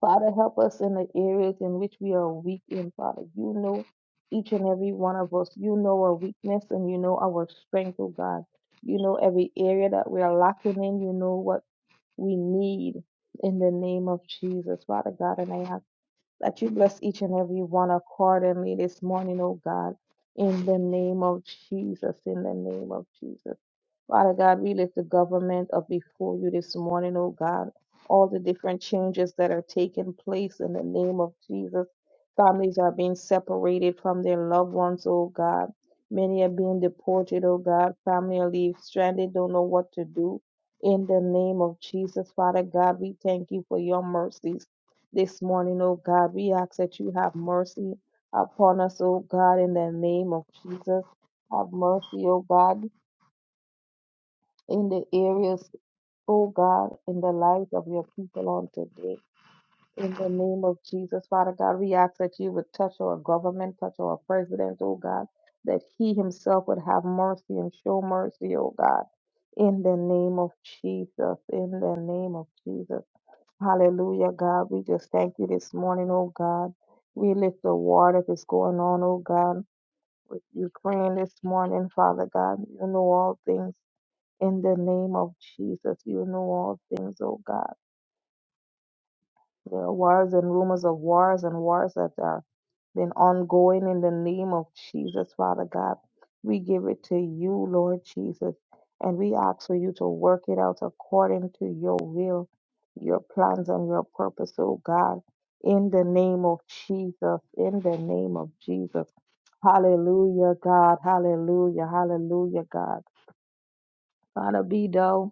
S4: Father, help us in the areas in which we are weak in, Father. You know each and every one of us. You know our weakness and you know our strength, oh God. You know every area that we are lacking in. You know what we need in the name of Jesus, Father God. And I ask that you bless each and every one accordingly this morning, oh God, in the name of Jesus, in the name of Jesus. Father God, we lift the government up before you this morning, oh God. All the different changes that are taking place in the name of Jesus. Families are being separated from their loved ones, oh God. Many are being deported, oh God. Family are leave stranded, don't know what to do. In the name of Jesus, Father God, we thank you for your mercies this morning, O God. We ask that you have mercy upon us, O God, in the name of Jesus. Have mercy, O God, in the areas, O God, in the lives of your people on today. In the name of Jesus, Father God, we ask that you would touch our government, touch our president, O God, that he himself would have mercy and show mercy, O God. In the name of Jesus, in the name of Jesus. Hallelujah, God. We just thank you this morning, oh God. We lift the war that is going on, oh God, with Ukraine this morning, Father God. You know all things. In the name of Jesus, you know all things, oh God. There are wars and rumors of wars and wars that are been ongoing in the name of Jesus, Father God. We give it to you, Lord Jesus, and we ask for you to work it out according to your will, your plans, and your purpose, oh God. In the name of Jesus, in the name of Jesus. Hallelujah, God. Hallelujah, hallelujah, God. Father, be thou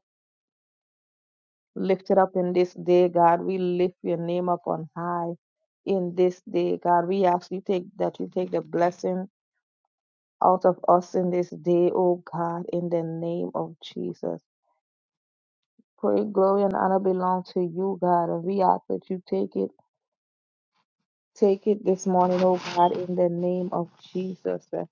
S4: lifted up in this day, God. We lift your name up on high in this day, God. We ask you take that you take the blessing out of us in this day, oh God, in the name of Jesus. Pray, glory, and honor belong to you, God, and we ask that you take it. Take it this morning, oh God, in the name of Jesus. uh,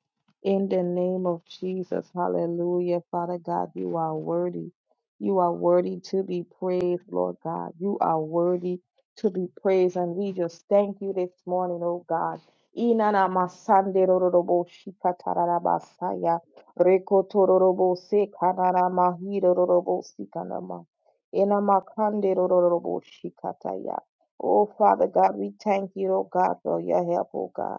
S4: In the name of Jesus. Hallelujah. Father God, you are worthy. You are worthy to be praised, Lord God. You are worthy to be praised. And we just thank you this morning, oh God. Inana masande rorobo shikatarabasaya. Rekotororobo sekanara mahiro rorobo sikanama. Enamakande rorobo shikataya. Oh, Father God, we thank you, oh God, for your help, oh God.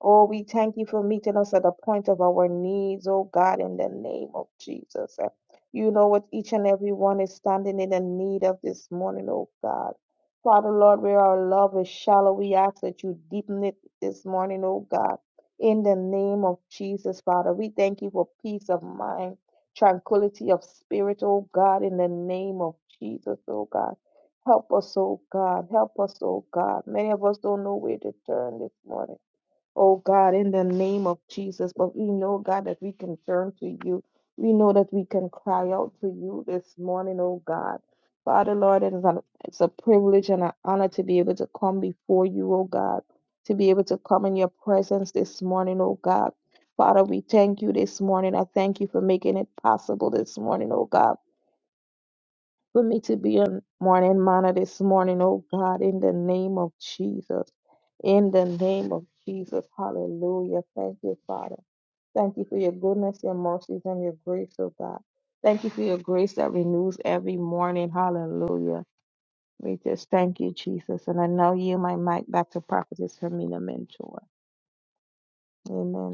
S4: Oh, we thank you for meeting us at the point of our needs, oh God, in the name of Jesus. Uh, You know what each and every one is standing in the need of this morning, oh God. Father, Lord, where our love is shallow, we ask that you deepen it this morning, oh God. In the name of Jesus, Father, we thank you for peace of mind, tranquility of spirit, oh God, in the name of Jesus, oh God. Help us, oh God. Help us, oh God. Many of us don't know where to turn this morning oh God, in the name of Jesus. But we know, God, that we can turn to you. We know that we can cry out to you this morning, oh God. Father, Lord, it is an, it's a privilege and an honor to be able to come before you, oh God, to be able to come in your presence this morning, oh God. Father, we thank you this morning. I thank you for making it possible this morning, oh God. For me to be a morning manna this morning, oh God, in the name of Jesus. In the name of Jesus. Hallelujah. Thank you, Father. Thank you for your goodness, your mercies, and your grace, oh God. Thank you for your grace that renews every morning. Hallelujah. We just thank you, Jesus. And I now yield my mic back to Prophetess Hermina Mentor.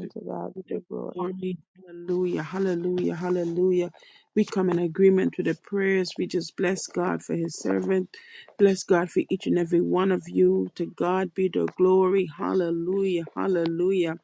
S1: to God
S4: To God be
S1: the
S4: the glory.
S1: glory. Hallelujah. Hallelujah. Hallelujah. We come in agreement with the prayers. We just bless God for his servant. Bless God for each and every one of you. To God be the glory. Hallelujah. Hallelujah.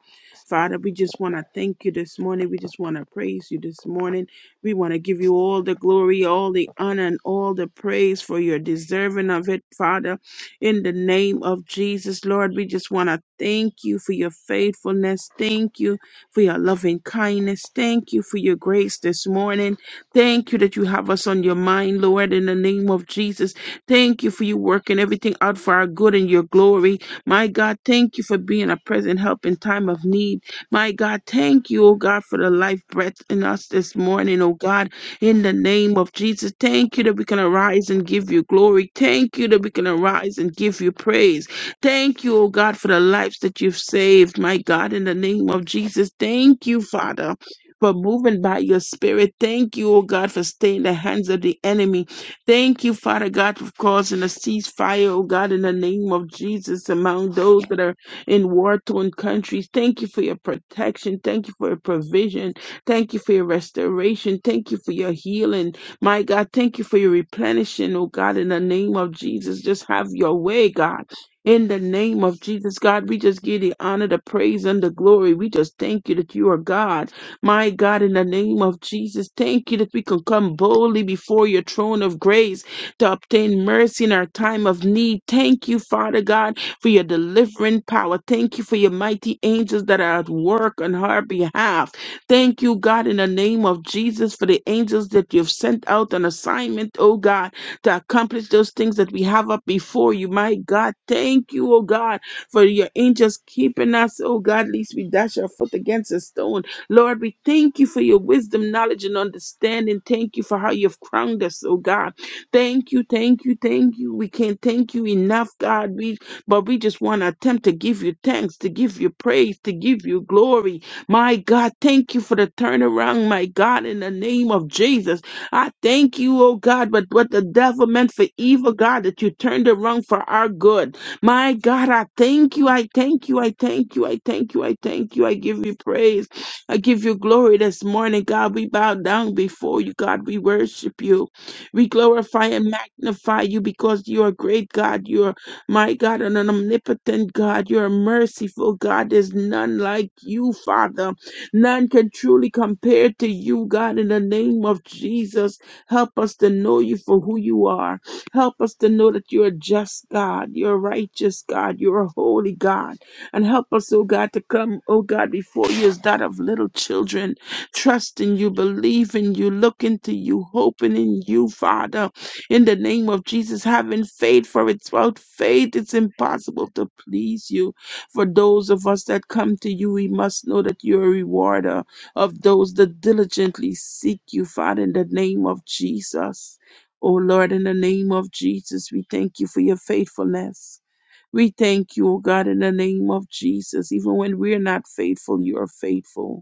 S1: Father, we just want to thank you this morning. We just want to praise you this morning. We want to give you all the glory, all the honor, and all the praise for your deserving of it, Father. In the name of Jesus, Lord, we just want to thank you for your faithfulness. Thank you for your loving kindness. Thank you for your grace this morning. Thank you that you have us on your mind, Lord, in the name of Jesus. Thank you for you working everything out for our good and your glory. My God, thank you for being a present help in time of need. My God, thank you, oh God, for the life breath in us this morning, oh God in the name of Jesus. Thank you that we can arise and give you glory. Thank you that we can arise and give you praise. Thank you, oh God, for the lives that you've saved, my God, in the name of Jesus. Thank you, Father. For moving by your spirit. Thank you, oh God, for staying in the hands of the enemy. Thank you, Father God, for causing a ceasefire, oh God, in the name of Jesus, among those that are in war torn countries. Thank you for your protection. Thank you for your provision. Thank you for your restoration. Thank you for your healing. My God, thank you for your replenishing, oh God, in the name of Jesus. Just have your way, God. In the name of Jesus, God, we just give the honor, the praise, and the glory. We just thank you that you are God. My God, in the name of Jesus, thank you that we can come boldly before your throne of grace to obtain mercy in our time of need. Thank you, Father God, for your delivering power. Thank you for your mighty angels that are at work on our behalf. Thank you, God, in the name of Jesus for the angels that you've sent out on assignment, oh God, to accomplish those things that we have up before you, my God. Thank you, oh God, for your angels keeping us, oh God, lest we dash our foot against a stone. Lord, we thank you for your wisdom, knowledge, and understanding. Thank you for how you've crowned us, oh God. Thank you, thank you, thank you. We can't thank you enough, God. We but we just want to attempt to give you thanks, to give you praise, to give you glory. My God, thank you for the turnaround, my God, in the name of Jesus. I thank you, oh God, but what the devil meant for evil, God, that you turned around for our good. My God, I thank you, I thank you, I thank you, I thank you, I thank you. I give you praise. I give you glory this morning, God. We bow down before you, God. We worship you. We glorify and magnify you because you are great, God. You are my God, and an omnipotent God, you're a merciful God. There's none like you, Father. None can truly compare to you, God, in the name of Jesus. Help us to know you for who you are. Help us to know that you're a just God, you're a righteous God, you're a holy God. And help us, oh God, to come, oh God, before you as that of little children, trusting you, believing you, looking to you, hoping in you, Father. In the name of Jesus, having faith, for it's without faith it's impossible to please you. For those of us that come to you, we must know that you're a rewarder of those that diligently seek you, Father, in the name of Jesus. Oh Lord, in the name of Jesus, we thank you for your faithfulness. We thank you, oh God, in the name of Jesus. Even when we're not faithful, you are faithful.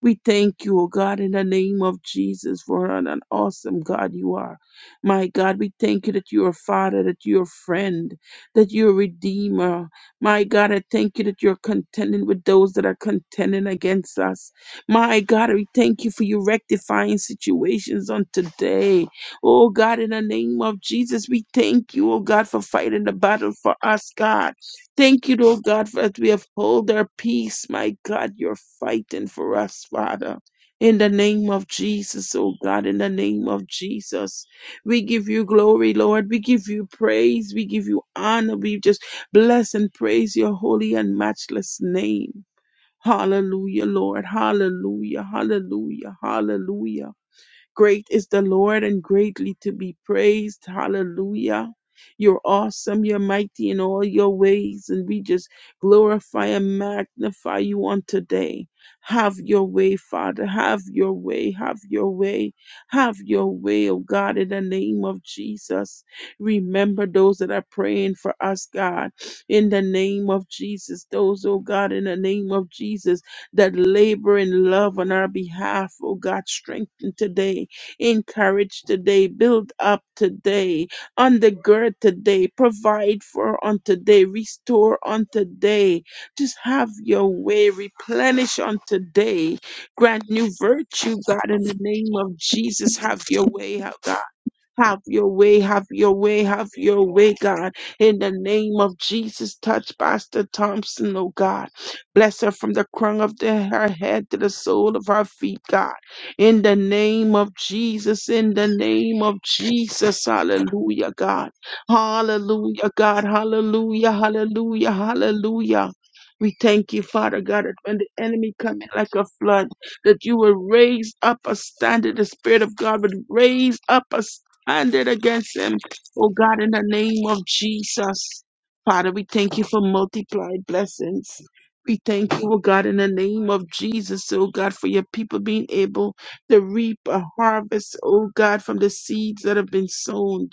S1: We thank you, O God, in the name of Jesus, for an, an awesome God you are. My God, we thank you that you are Father, that you are friend, that you are Redeemer. My God, I thank you that you're contending with those that are contending against us. My God, we thank you for you rectifying situations on today. Oh God, in the name of Jesus, we thank you, oh God, for fighting the battle for us, God. Thank you, Lord God, for as we uphold our peace. My God, you're fighting for us, Father. In the name of Jesus, oh God, in the name of Jesus, we give you glory, Lord. We give you praise. We give you honor. We just bless and praise your holy and matchless name. Hallelujah, Lord. Hallelujah. Hallelujah. Hallelujah. Great is the Lord and greatly to be praised. Hallelujah. You're awesome. You're mighty in all your ways. And we just glorify and magnify you on today. Have your way, Father. Have your way. Have your way. Have your way, oh God, in the name of Jesus. Remember those that are praying for us, God, in the name of Jesus. Those, oh God, in the name of Jesus that labor in love on our behalf. Oh God, strengthen today, encourage today, build up today, undergird today, provide for on today, restore on today. Just have your way, replenish on today. Grant new virtue, God, in the name of Jesus. Have your way, oh God. Have your way, have your way, have your way, God. In the name of Jesus, touch Pastor Thompson, oh God. Bless her from the crown of the, her head to the sole of her feet, God. In the name of Jesus, in the name of Jesus, hallelujah, God. Hallelujah, God. Hallelujah, hallelujah, hallelujah. We thank you, Father God, that when the enemy comes like a flood, that you will raise up a standard. The Spirit of God would raise up a standard and it against him. Oh God, in the name of Jesus. Father, we thank you for multiplied blessings. We thank you, oh God, in the name of Jesus, oh God, for your people being able to reap a harvest, oh God, from the seeds that have been sown.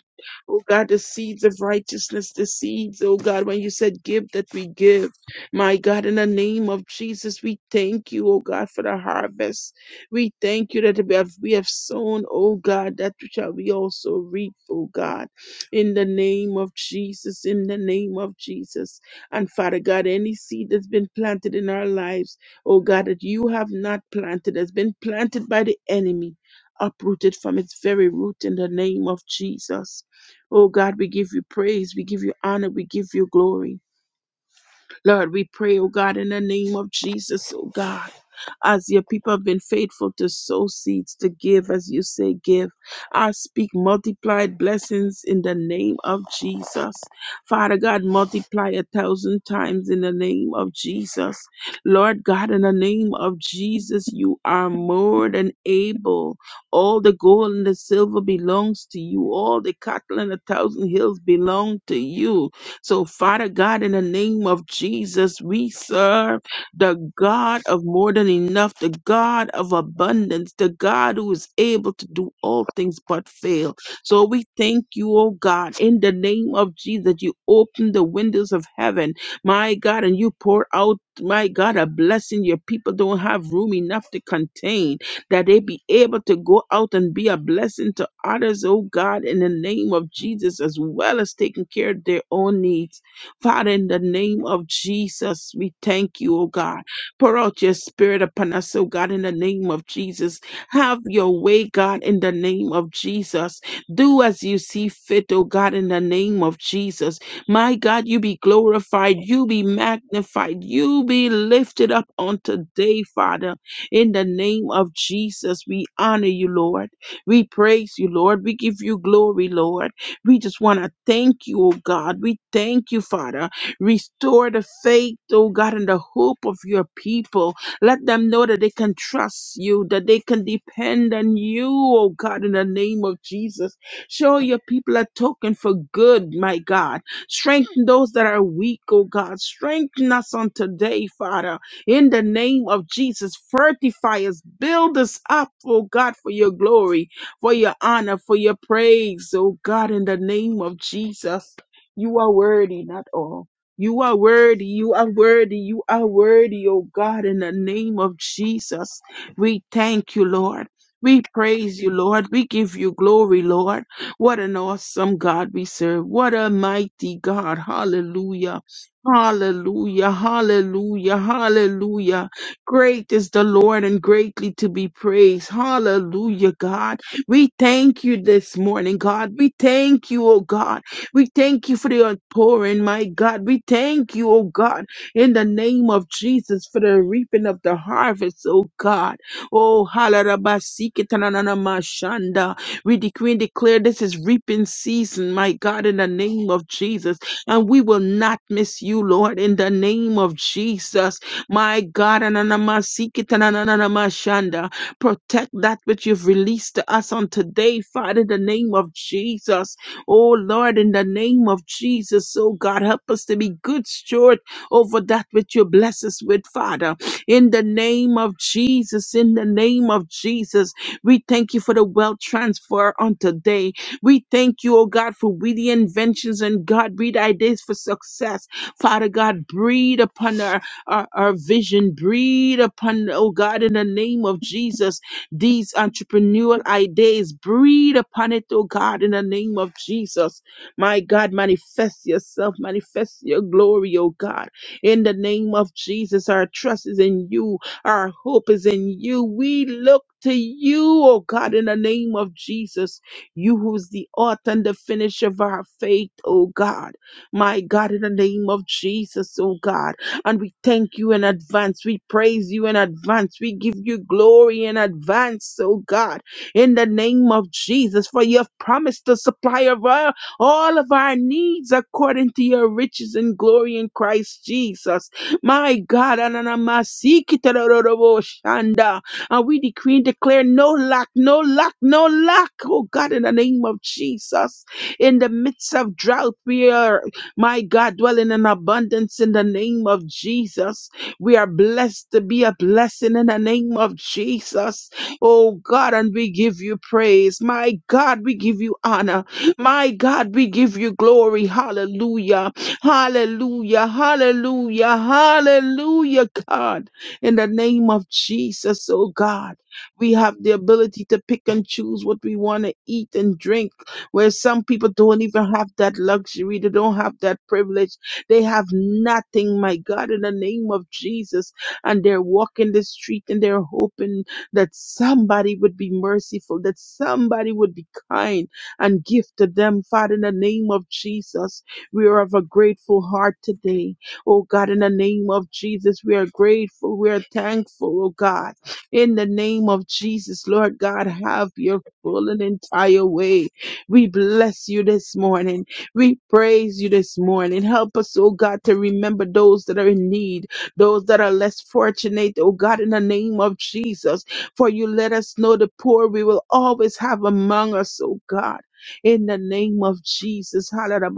S1: Oh God, the seeds of righteousness, the seeds, oh God, when you said give, that we give. My God, in the name of Jesus, we thank you, oh God, for the harvest. We thank you that we have, we have sown, oh God, that which shall we also reap, oh God, in the name of Jesus, in the name of Jesus. And Father God, any seed that's been planted in our lives, oh God, that you have not planted, has been planted by the enemy, uprooted from its very root in the name of Jesus. Oh God, we give you praise, we give you honor, we give you glory. Lord, we pray, oh God, in the name of Jesus, oh God. As your people have been faithful to sow seeds, to give as you say, give. I speak multiplied blessings in the name of Jesus. Father God, multiply a thousand times in the name of Jesus. Lord God, in the name of Jesus, you are more than able. All the gold and the silver belongs to you. All the cattle and a thousand hills belong to you. So, Father God, in the name of Jesus, we serve the God of more than enough, the God of abundance, the God who is able to do all things but fail. So, we thank you, oh God, in the name of Jesus, that you open the windows of heaven, my God, and you pour out. My God, a blessing your people don't have room enough to contain that they be able to go out and be a blessing to others, oh God, in the name of Jesus, as well as taking care of their own needs. Father, in the name of Jesus, we thank you, oh God. Pour out your spirit upon us, oh God, in the name of Jesus. Have your way, God, in the name of Jesus. Do as you see fit, oh God, in the name of Jesus. My God, you be glorified, you be magnified, you be lifted up on today, Father. In the name of Jesus, we honor you, Lord. We praise you, Lord. We give you glory, Lord. We just want to thank you, oh God. We thank you, Father. Restore the faith, oh God, and the hope of your people. Let them know that they can trust you, that they can depend on you, oh God, in the name of Jesus. Show your people a token for good, my God. Strengthen those that are weak, oh God. Strengthen us on today, Father in the name of Jesus. Fortify us, build us up, oh God, for your glory, for your honor, for your praise, oh God, in the name of Jesus. You are worthy, not all. You are worthy, you are worthy, you are worthy, oh God, in the name of Jesus. We thank you, Lord. We praise you, Lord. We give you glory, Lord. What an awesome God we serve. What a mighty God. Hallelujah. Hallelujah, hallelujah, hallelujah. Great is the Lord and greatly to be praised. Hallelujah, God. We thank you this morning, God. We thank you, oh God. We thank you for the outpouring, my God. We thank you, oh God, in the name of Jesus for the reaping of the harvest, oh God. Oh, halalabasikitananamashanda. we decree and declare this is reaping season, my God, in the name of Jesus and we will not miss you, Lord, in the name of Jesus. My God, ananamasikitanananamashanda. protect that which you've released to us on today, Father, in the name of Jesus. Oh, Lord, in the name of Jesus, oh God, help us to be good steward over that which you bless us with, Father. In the name of Jesus, in the name of Jesus, we thank you for the wealth transfer on today. We thank you, oh God, for witty inventions and God, breed ideas for success. Father God, breathe upon our, our, our vision, breathe upon, oh God, in the name of Jesus, these entrepreneurial ideas, breathe upon it, oh God, in the name of Jesus. My God, manifest yourself, manifest your glory, oh God, in the name of Jesus. Our trust is in you, our hope is in you. We look to you, oh God, in the name of Jesus. You who's the author and the finisher of our faith, oh God. My God, in the name of Jesus, oh God. And we thank you in advance. We praise you in advance. We give you glory in advance, oh God. In the name of Jesus, for you have promised to supply of our, all of our needs according to your riches and glory in Christ Jesus. My God, Ananamasiki and we decree and declare no lack, no lack, no lack. Oh God, in the name of Jesus. In the midst of drought, we are, my God, dwelling in abundance in the name of Jesus. We are blessed to be a blessing in the name of Jesus. Oh God, and we give you praise. My God, we give you honor. My God, we give you glory. Hallelujah. Hallelujah. Hallelujah. Hallelujah, God. In the name of Jesus, oh God, we have the ability to pick and choose what we want to eat and drink, where some people don't even have that luxury, they don't have that privilege, they have nothing, my God, in the name of Jesus. And they're walking the street and they're hoping that somebody would be merciful, that somebody would be kind and give to them, Father, in the name of Jesus. We are of a grateful heart today. Oh God, in the name of Jesus, we are grateful. We are thankful, oh God. In the name of Jesus, Lord God, have your full and entire way. We bless you this morning. We praise you this morning. Help us, oh God, to remember those that are in need, those that are less fortunate, oh God, in the name of Jesus. For you let us know the poor we will always have among us, oh God. In the name of Jesus. Hallelujah.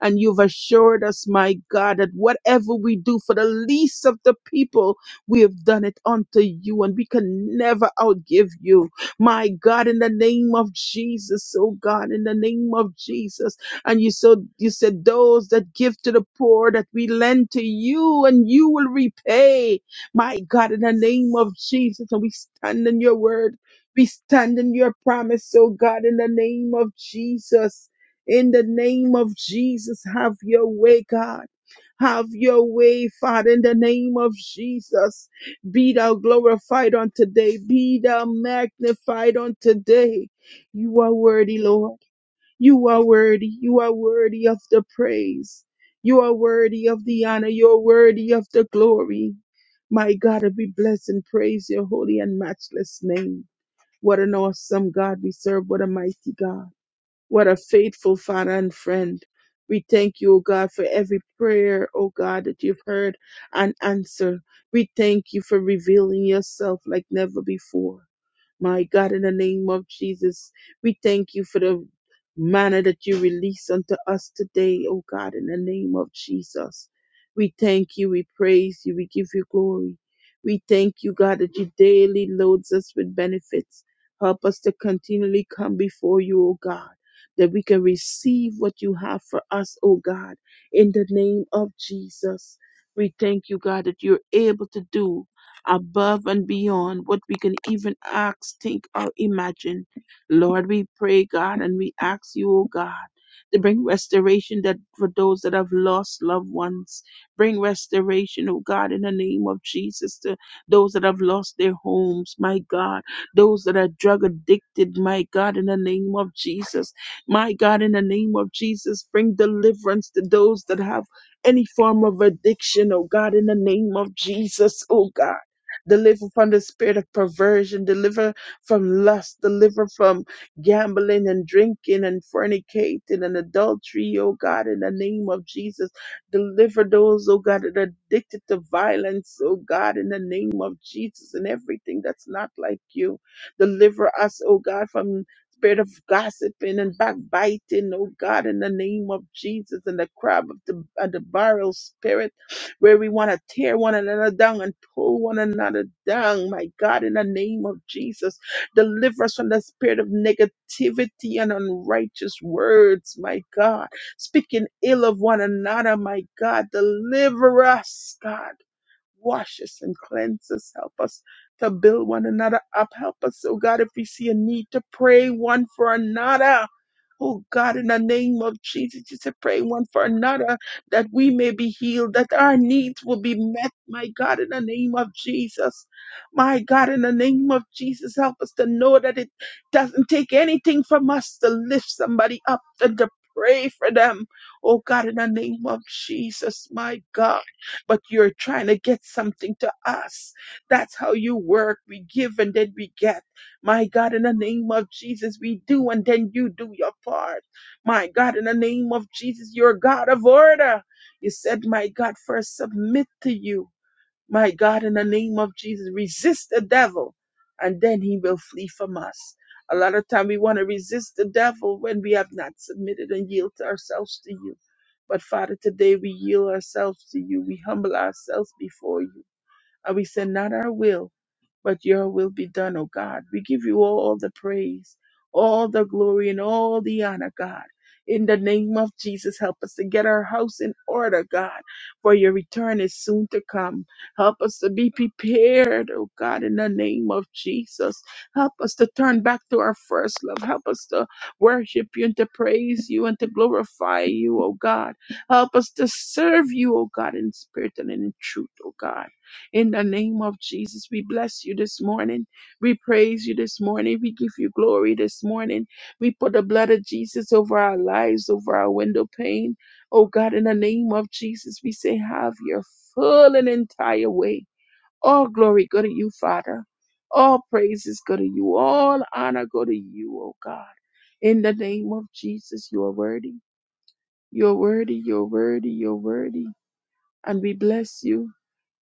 S1: And you've assured us, my God, that whatever we do for the least of the people, we have done it unto you, and we can never outgive you. My God, in the name of Jesus, oh God, in the name of Jesus. And you so you said those that give to the poor that we lend to you and you will repay. My God, in the name of Jesus, and we stand in your word. We stand in your promise, oh God, in the name of Jesus. In the name of Jesus, have your way, God. Have your way, Father, in the name of Jesus. Be thou glorified on today. Be thou magnified on today. You are worthy, Lord. You are worthy. You are worthy of the praise. You are worthy of the honor. You are worthy of the glory. My God, we bless and praise your holy and matchless name. What an awesome God we serve. What a mighty God. What a faithful Father and friend. We thank you, O God, for every prayer, O God, that you've heard and answered. We thank you for revealing yourself like never before. My God, in the name of Jesus, we thank you for the manner that you release unto us today, oh God, in the name of Jesus. We thank you, we praise you, we give you glory. We thank you, God, that you daily loads us with benefits. Help us to continually come before you, oh God, that we can receive what you have for us, oh God, in the name of Jesus. We thank you, God, that you're able to do above and beyond what we can even ask, think, or imagine. Lord, we pray, God, and we ask you, oh God, to bring restoration that for those that have lost loved ones. Bring restoration, oh God, in the name of Jesus to those that have lost their homes, my God. Those that are drug addicted, my God, in the name of Jesus. My God, in the name of Jesus, bring deliverance to those that have any form of addiction, oh God, in the name of Jesus, oh God. Deliver from the spirit of perversion. Deliver from lust. Deliver from gambling and drinking and fornicating and adultery, oh God, in the name of Jesus. Deliver those, oh God, that are addicted to violence, oh God, in the name of Jesus and everything that's not like you. Deliver us, oh God, from spirit of gossiping and backbiting, oh God, in the name of Jesus and the crab of the, and the barrel spirit where we want to tear one another down and pull one another down. My God, in the name of Jesus, deliver us from the spirit of negativity and unrighteous words. My God, speaking ill of one another. My God, deliver us, God. Wash us and cleanse us. Help us to build one another up. Help us, oh God, if we see a need to pray one for another. Oh God, in the name of Jesus, just to pray one for another that we may be healed, that our needs will be met. My God, in the name of Jesus. My God, in the name of Jesus, help us to know that it doesn't take anything from us to lift somebody up and to pray for them. Oh God, in the name of Jesus, my God but you're trying to get something to us. That's how you work. We give and then we get. My God, in the name of Jesus, we do and then you do your part. My God, in the name of Jesus, you're God of order. You said, My God, first submit to you. My God, in the name of Jesus, resist the devil and then he will flee from us. A lot of time we want to resist the devil when we have not submitted and yield to ourselves to you. But Father, today we yield ourselves to you. We humble ourselves before you. And we say, not our will, but your will be done, O God. We give you all the praise, all the glory, and all the honor, God. In the name of Jesus, help us to get our house in order, God, for your return is soon to come. Help us to be prepared, oh God, in the name of Jesus. Help us to turn back to our first love. Help us to worship you and to praise you and to glorify you, oh God. Help us to serve you, oh God, in spirit and in truth, oh God. In the name of Jesus, we bless you this morning. We praise you this morning. We give you glory this morning. We put the blood of Jesus over our lives, over our window pane. Oh God, in the name of Jesus, we say, have your full and entire way. All glory go to you, Father. All praises go to you. All honor go to you, oh God. In the name of Jesus, you are worthy. You're worthy, you're worthy, you're worthy. And we bless you.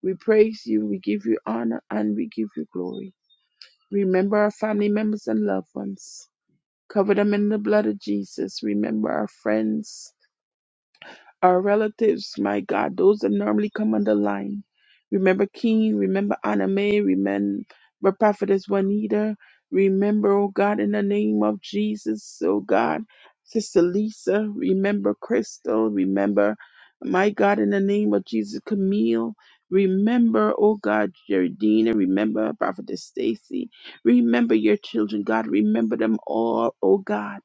S1: We praise you. We give you honor and we give you glory. Remember our family members and loved ones. Cover them in the blood of Jesus. Remember our friends our relatives, my God, those that normally come on the line. Remember King, remember Anime, remember Prophetess Juanita, remember, oh God, in the name of Jesus, oh God, Sister Lisa, remember Crystal, remember, my God, in the name of Jesus, Camille, remember, oh God, Jeridina, remember Prophetess Stacy, remember your children, God, remember them all, oh God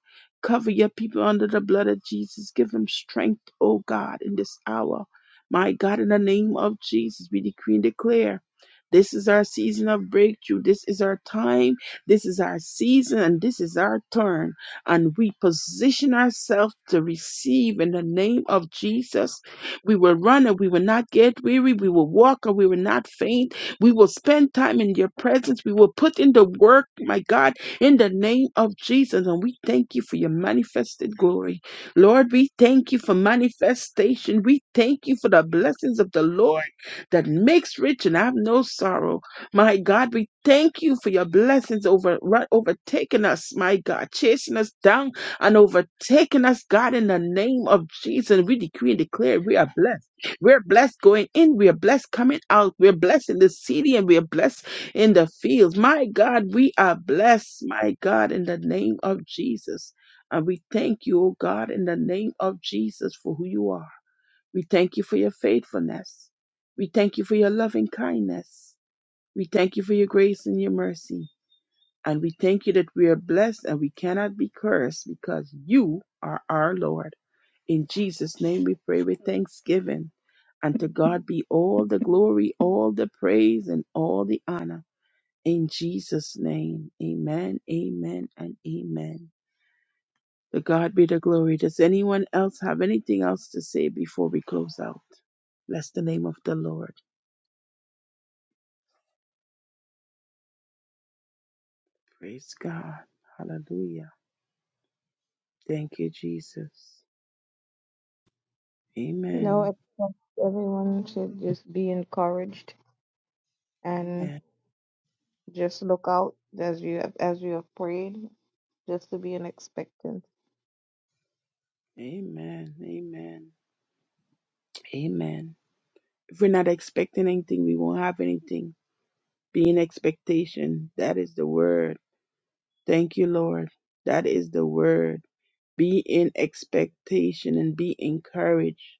S1: Cover your people under the blood of Jesus. Give them strength, oh God, in this hour. My God, in the name of Jesus, we decree and declare. This is our season of breakthrough. This is our time. This is our season and this is our turn. And we position ourselves to receive in the name of Jesus. We will run and we will not get weary. We will walk and we will not faint. We will spend time in your presence. We will put in the work, my God in the name of Jesus. And we thank you for your manifested glory. Lord, we thank you for manifestation. We thank you for the blessings of the Lord that makes rich and have no sorrow. My God, we thank you for your blessings over right, overtaking us, my God, chasing us down and overtaking us, God, in the name of Jesus. We decree and declare we are blessed. We're blessed going in, we are blessed coming out, we're blessed in the city, and we are blessed in the fields. My God, we are blessed, my God, in the name of Jesus. And we thank you, oh God, in the name of Jesus for who you are. We thank you for your faithfulness. We thank you for your loving kindness. We thank you for your grace and your mercy. And we thank you that we are blessed and we cannot be cursed because you are our Lord. In Jesus' name we pray with thanksgiving. And to God be all the glory, all the praise, and all the honor. In Jesus' name, amen, amen, and amen. To God be the glory. Does anyone else have anything else to say before we close out? Bless the name of the Lord. Praise God. Hallelujah. Thank you, Jesus. Amen.
S4: No, everyone should just be encouraged. and.
S1: Amen.
S4: Just look out as you have, as you have prayed, just to be in expectancy.
S1: Amen. Amen. Amen. If we're not expecting anything, we won't have anything. Be in expectation. That is the word. Thank you, Lord. That is the word. Be in expectation and be encouraged.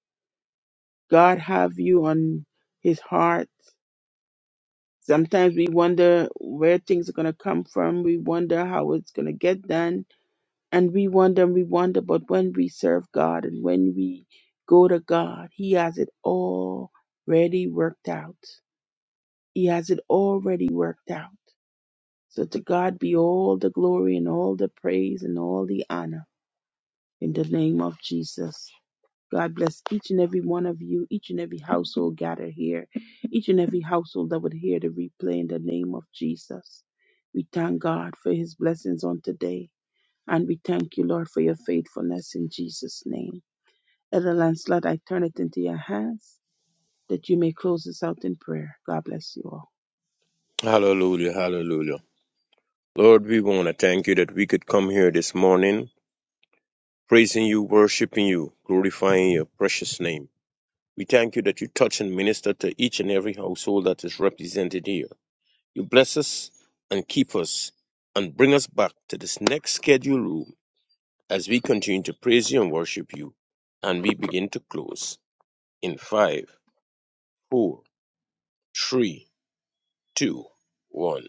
S1: God have you on his heart. Sometimes we wonder where things are going to come from. We wonder how it's going to get done. And we wonder and we wonder. But when we serve God and when we go to God, he has it already worked out. He has it already worked out. So to God be all the glory and all the praise and all the honor in the name of Jesus. God bless each and every one of you, each and every household gathered here, each and every household that would hear the replay in the name of Jesus. We thank God for his blessings on today, and we thank you, Lord, for your faithfulness in Jesus' name. Elder Lancelot, I turn it into your hands that you may close us out in prayer. God bless you all.
S2: Hallelujah, hallelujah. Lord, we want to thank you that we could come here this morning praising you, worshiping you, glorifying your precious name. We thank you that you touch and minister to each and every household that is represented here. You bless us and keep us and bring us back to this next schedule room as we continue to praise you and worship you. And we begin to close in five, four, three, two, one.